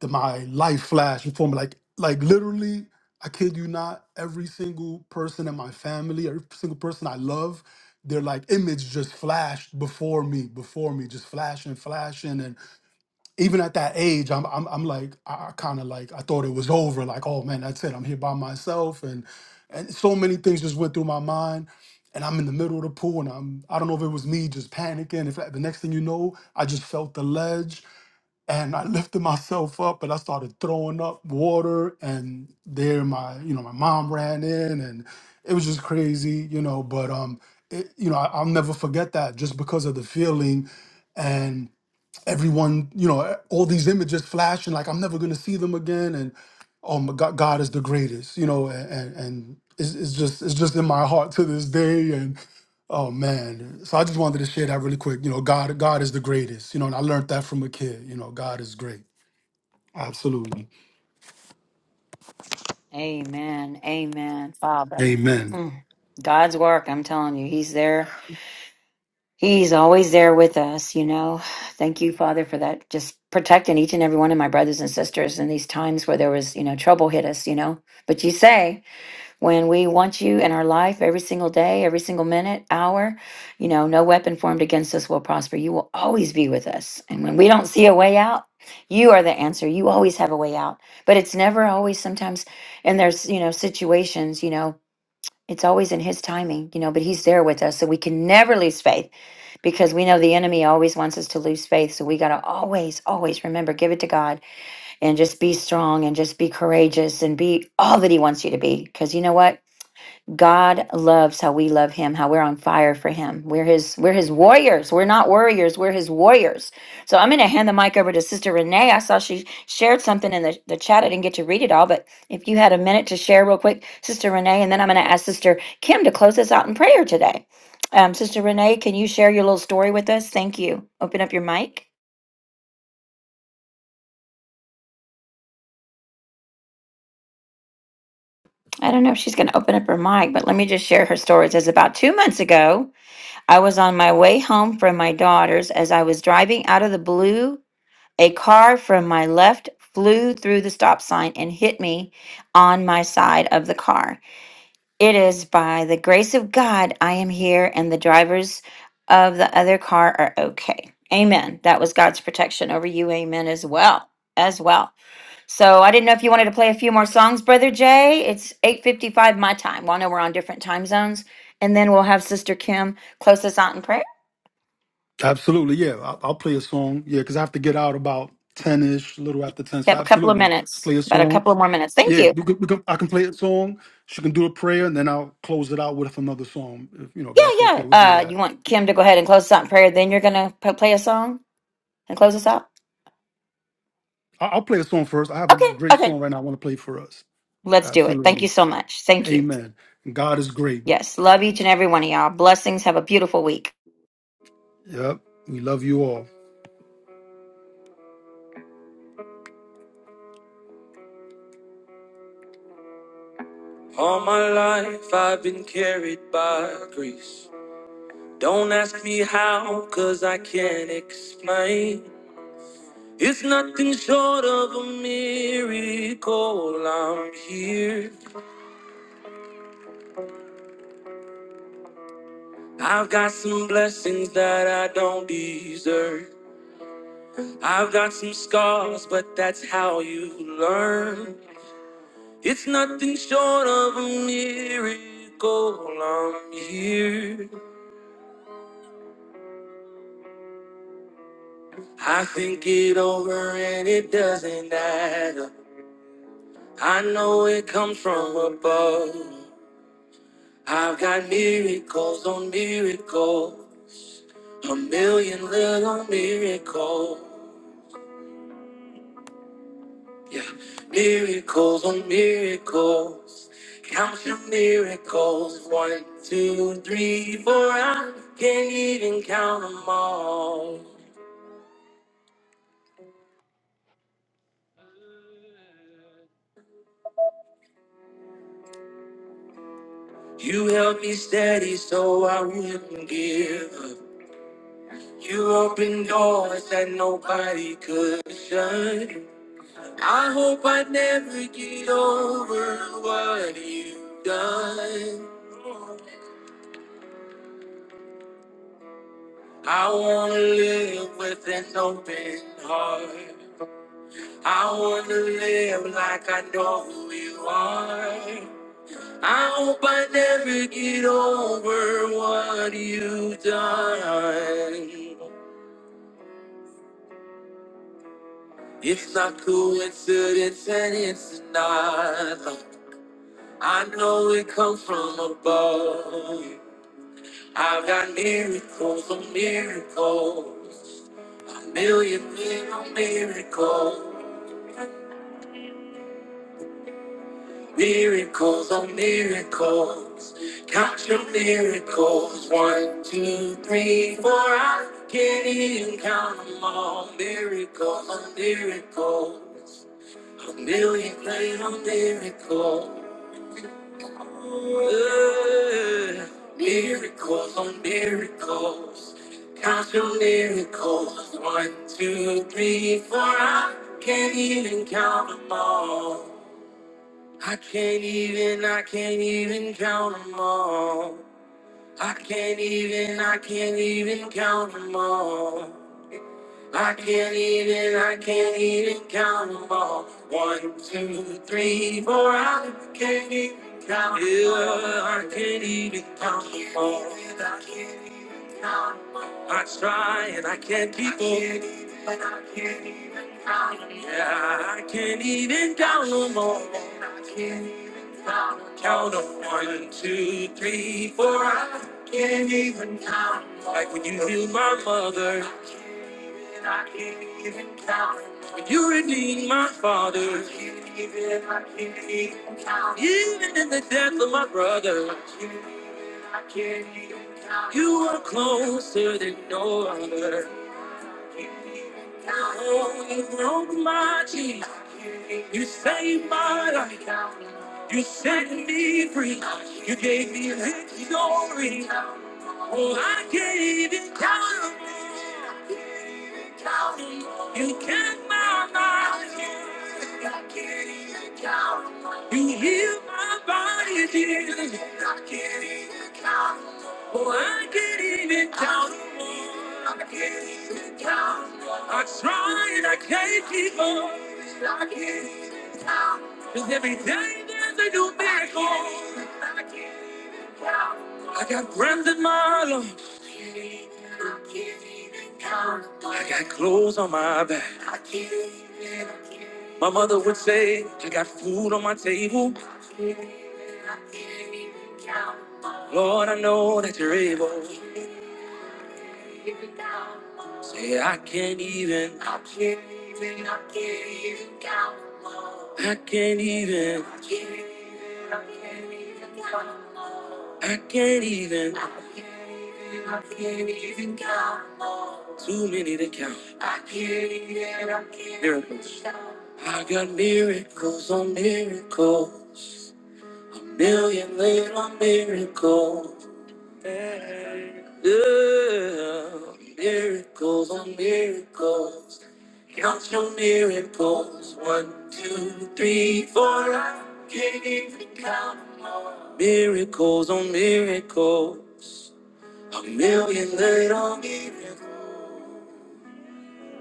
Speaker 1: then my life flashed before me. Like, like literally, I kid you not, every single person in my family, every single person I love, their like image just flashed before me, before me, just flashing, flashing. And even at that age, I'm I'm, I'm like, I, I kind of like I thought it was over. Like, oh man, that's it. I'm here by myself. And and so many things just went through my mind. And I'm in the middle of the pool, and I'm—I don't know if it was me just panicking. If the next thing you know, I just felt the ledge, and I lifted myself up and I started throwing up water and there my you know my mom ran in and it was just crazy you know but um it, you know I, I'll never forget that just because of the feeling and everyone you know all these images flashing like I'm never gonna see them again and oh my God God is the greatest you know and and, and it's, it's just it's just in my heart to this day Oh man. So I just wanted to share that really quick. You know, God God is the greatest. You know, and I learned that from a kid. You know, God is great. Absolutely.
Speaker 4: Amen. Amen. Father.
Speaker 1: Amen.
Speaker 4: Mm. God's work, I'm telling you, He's there. He's always there with us, you know. Thank you, Father, for that. Just protecting each and every one of my brothers and sisters in these times where there was, you know, trouble hit us, you know. But you say, when we want you in our life every single day, every single minute, hour, you know, no weapon formed against us will prosper. You will always be with us. And when we don't see a way out, you are the answer. You always have a way out. But it's never always sometimes and there's, you know, situations, you know, it's always in his timing, you know, but he's there with us. So we can never lose faith because we know the enemy always wants us to lose faith. So we got to always, always remember, give it to God and just be strong and just be courageous and be all that he wants you to be. Because you know what? God loves how we love him, how we're on fire for him. We're his we're his warriors. We're not warriors, we're his warriors. So I'm gonna hand the mic over to Sister Renee. I saw she shared something in the, the chat. I didn't get to read it all, but if you had a minute to share real quick, Sister Renee, and then I'm gonna ask Sister Kim to close us out in prayer today. Um, Sister Renee, can you share your little story with us? Thank you. Open up your mic. I don't know if she's gonna open up her mic, but let me just share her story. It says about two months ago. I was on my way home from my daughter's as I was driving out of the blue. A car from my left flew through the stop sign and hit me on my side of the car. It is by the grace of God I am here, and the drivers of the other car are okay. Amen. That was God's protection over you. Amen. As well. As well. So I didn't know if you wanted to play a few more songs, Brother Jay. It's 8:55 my time. Well, I know we're on different time zones. And then we'll have Sister Kim close us out in prayer.
Speaker 1: Absolutely. Yeah. I'll, I'll play a song. Yeah, because I have to get out about 10-ish, a little after 10.
Speaker 4: We
Speaker 1: So
Speaker 4: have a couple of
Speaker 1: absolutely. Let's
Speaker 4: minutes,
Speaker 1: play a
Speaker 4: about a
Speaker 1: song.
Speaker 4: couple of more minutes. Thank
Speaker 1: Yeah,
Speaker 4: you.
Speaker 1: we can, we can, I can play a song. She can do a prayer, and then I'll close it out with another song. If you know, if
Speaker 4: Yeah,
Speaker 1: that's okay,
Speaker 4: yeah.
Speaker 1: we'll do
Speaker 4: Uh, you
Speaker 1: that.
Speaker 4: want Kim to go ahead and close us out in prayer, then you're gonna play a song and close us out.
Speaker 1: I- I'll play a song first. I have a
Speaker 4: Okay,
Speaker 1: great
Speaker 4: okay.
Speaker 1: song right now. I want to play for us.
Speaker 4: Let's do it. Thank you
Speaker 1: Absolutely,
Speaker 4: so much. Thank you.
Speaker 1: Amen. God is great.
Speaker 4: Yes, love each and every one of y'all. Blessings. Have a beautiful week.
Speaker 1: Yep, we love you all. All my life I've been carried by grace. Don't ask me how, cause I can't explain. It's nothing short of a miracle. I'm here. I've got some blessings that I don't deserve. I've got some scars, but that's how you learn. It's nothing short of a miracle. I'm here. I think it over and it doesn't add up. I know it comes from above. I've got miracles on miracles, a million little miracles. Yeah, miracles on miracles. Count your miracles. One, two, three, four. I can't even count them all. You held me steady so I wouldn't give up. You opened doors that nobody could shut. I hope I never get over what you've done. I wanna live with an open heart. I wanna live like I know who you are. I hope I never get over what you've done. It's not coincidence and it's not luck. I know it comes from above. I've got miracles on miracles, a million little miracles, miracles on miracles. Count your miracles, one, two, three, four. I can't even count them all. Miracles on miracles, a million little miracles. Uh, Miracles on miracles, count your miracles. One, two, three, four. I can't even count them all. I can't even, I can't even count them all. I can't even, I can't even count them all. I can't even, I can't even count them all. One, two, three, four, I can't even count 'em all. Yeah, I can't even count them all. I try and I can't keep them. Yeah, I can't even count them all. I can't even Count them Count them one, two, three, four, I can't even count 'em Like when you healed my mother. You redeemed my father. Even in the death of my brother, you are closer than no other. Oh, you broke my chains. You saved my life. You set me free. You gave me victory. Oh, I gave it down. You kept my mind. You healed my body, dear. Oh, I can't even count on I can't. I try and I can't keep on. I can't. count. Cause every day there's a new miracle. I can't even count. I got breath in my lungs. I can't even count. I got clothes on my back. My mother would say, I got food on my table. I can't even count. Lord, I know that you're able. Say I can't even. I can't even. I can't even count 'em all. I can't even. I can't even. I can't even count 'em all. I can't even. I can't even. I can't even count 'em all. Too many to count. I can't even. I can't miracles. even count 'em all. I got miracles on miracles, million little miracles. Yeah, miracles on miracles. Count your miracles. One, two, three, four. I can't even count 'em all. Miracles on miracles. A million little miracles.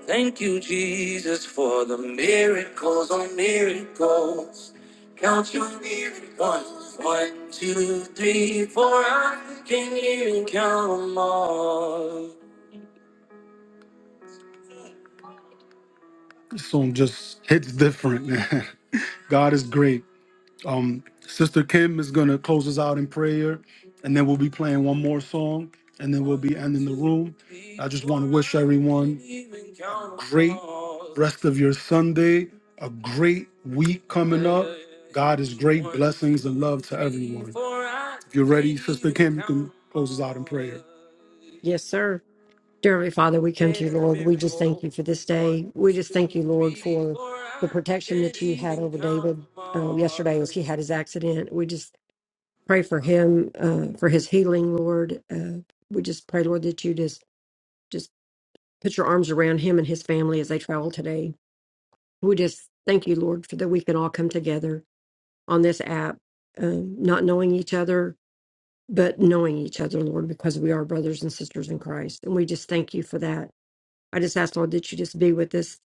Speaker 1: Thank you, Jesus, for the miracles on miracles. Count your miracles. One, two, three, four. I can't even count 'em all. This song just hits different, man. <laughs> God is great. Um, Sister Kim is gonna close us out in prayer, and then we'll be playing one more song, and then we'll be ending the room. I just want to wish everyone a great rest of your Sunday, a great week coming up. God is great blessings and love to everyone. If you're ready, Sister Kim, you can close us out in prayer.
Speaker 3: Yes, sir. Dear Heavenly Father, we come to
Speaker 1: Dead
Speaker 3: you,
Speaker 1: as a
Speaker 3: Lord. We just thank
Speaker 1: miracle.
Speaker 3: you for this
Speaker 1: One,
Speaker 3: day. We just thank
Speaker 1: two,
Speaker 3: you, Lord,
Speaker 1: three,
Speaker 3: for
Speaker 1: four.
Speaker 3: the
Speaker 1: I
Speaker 3: protection
Speaker 1: can't
Speaker 3: that you had
Speaker 1: even
Speaker 3: over
Speaker 1: count
Speaker 3: David
Speaker 1: them
Speaker 3: uh,
Speaker 1: all.
Speaker 3: yesterday as he had his accident. We just pray
Speaker 1: That's
Speaker 3: for
Speaker 1: not
Speaker 3: him, uh, for his healing, Lord. Uh, we just pray, Lord, that you just Put your arms around him and his family as they travel today. We just thank you, Lord, for that we can all come together on this app, um, not knowing each other, but knowing each other, Lord, because we are brothers and sisters in Christ. And we just thank you for that. I just ask, Lord, that you just be with us.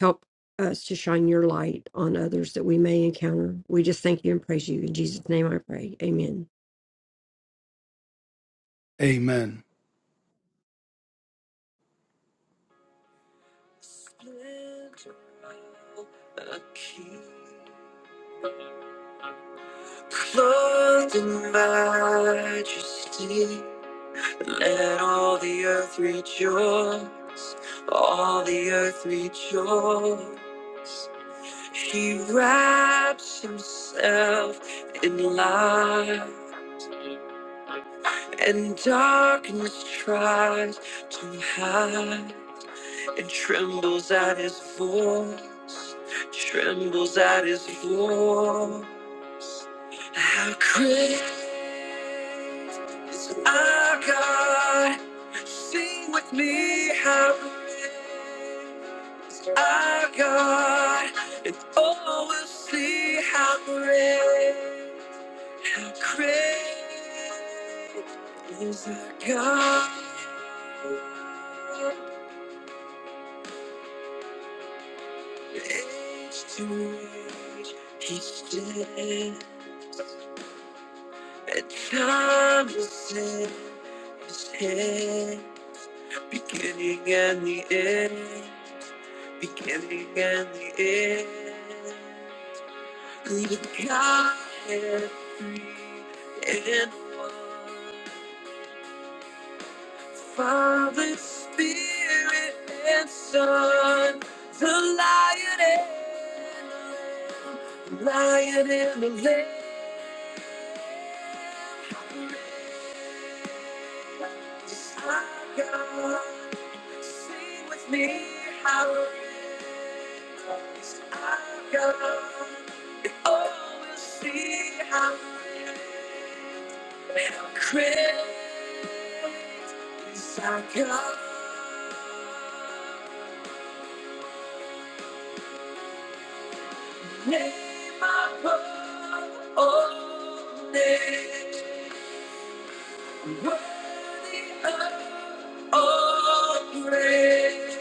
Speaker 3: Help us to shine your light on others that we may encounter. We just thank you and praise you. In Jesus' name I pray. Amen.
Speaker 1: Amen. too high and trembles at his voice, trembles at his voice. How great is our God? Sing with me, how great. Our God, and all will see how great, how great is our God. Age to age, He stood, and time will set His head, beginning and the end, beginning and the end. Good got every and one. The Spirit and Son, the Lion and the Lamb, Lion and the Lamb, Yes, our God, sing with me, hallelujah. Our God, you always see how great. how great is our God. Name above all names, worthy of all praise.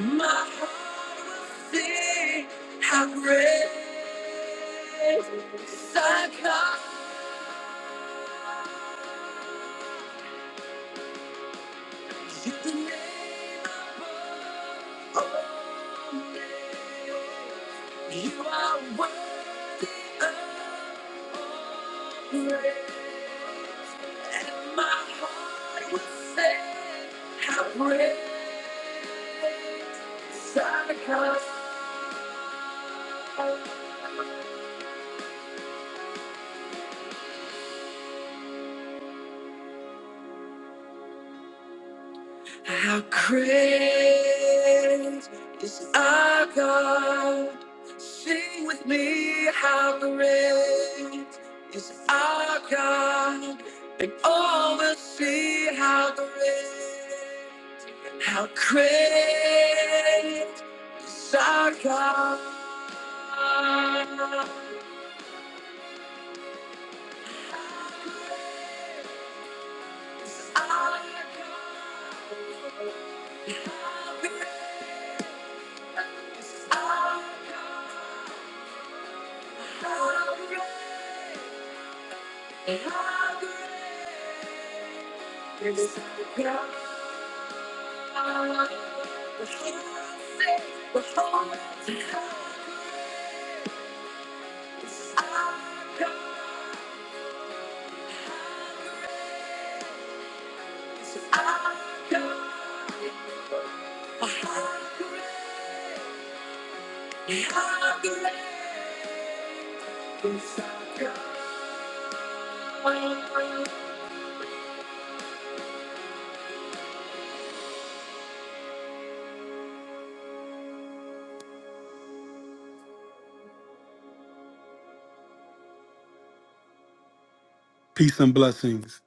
Speaker 1: My heart will sing how great thy God is. The name above all names. You are worthy of all praise. And my heart will sing how great thy God How great is our God? Sing with me, how great is our God? And all will see how great, how great is our God. Our God, how great is our God, how great. Peace and blessings.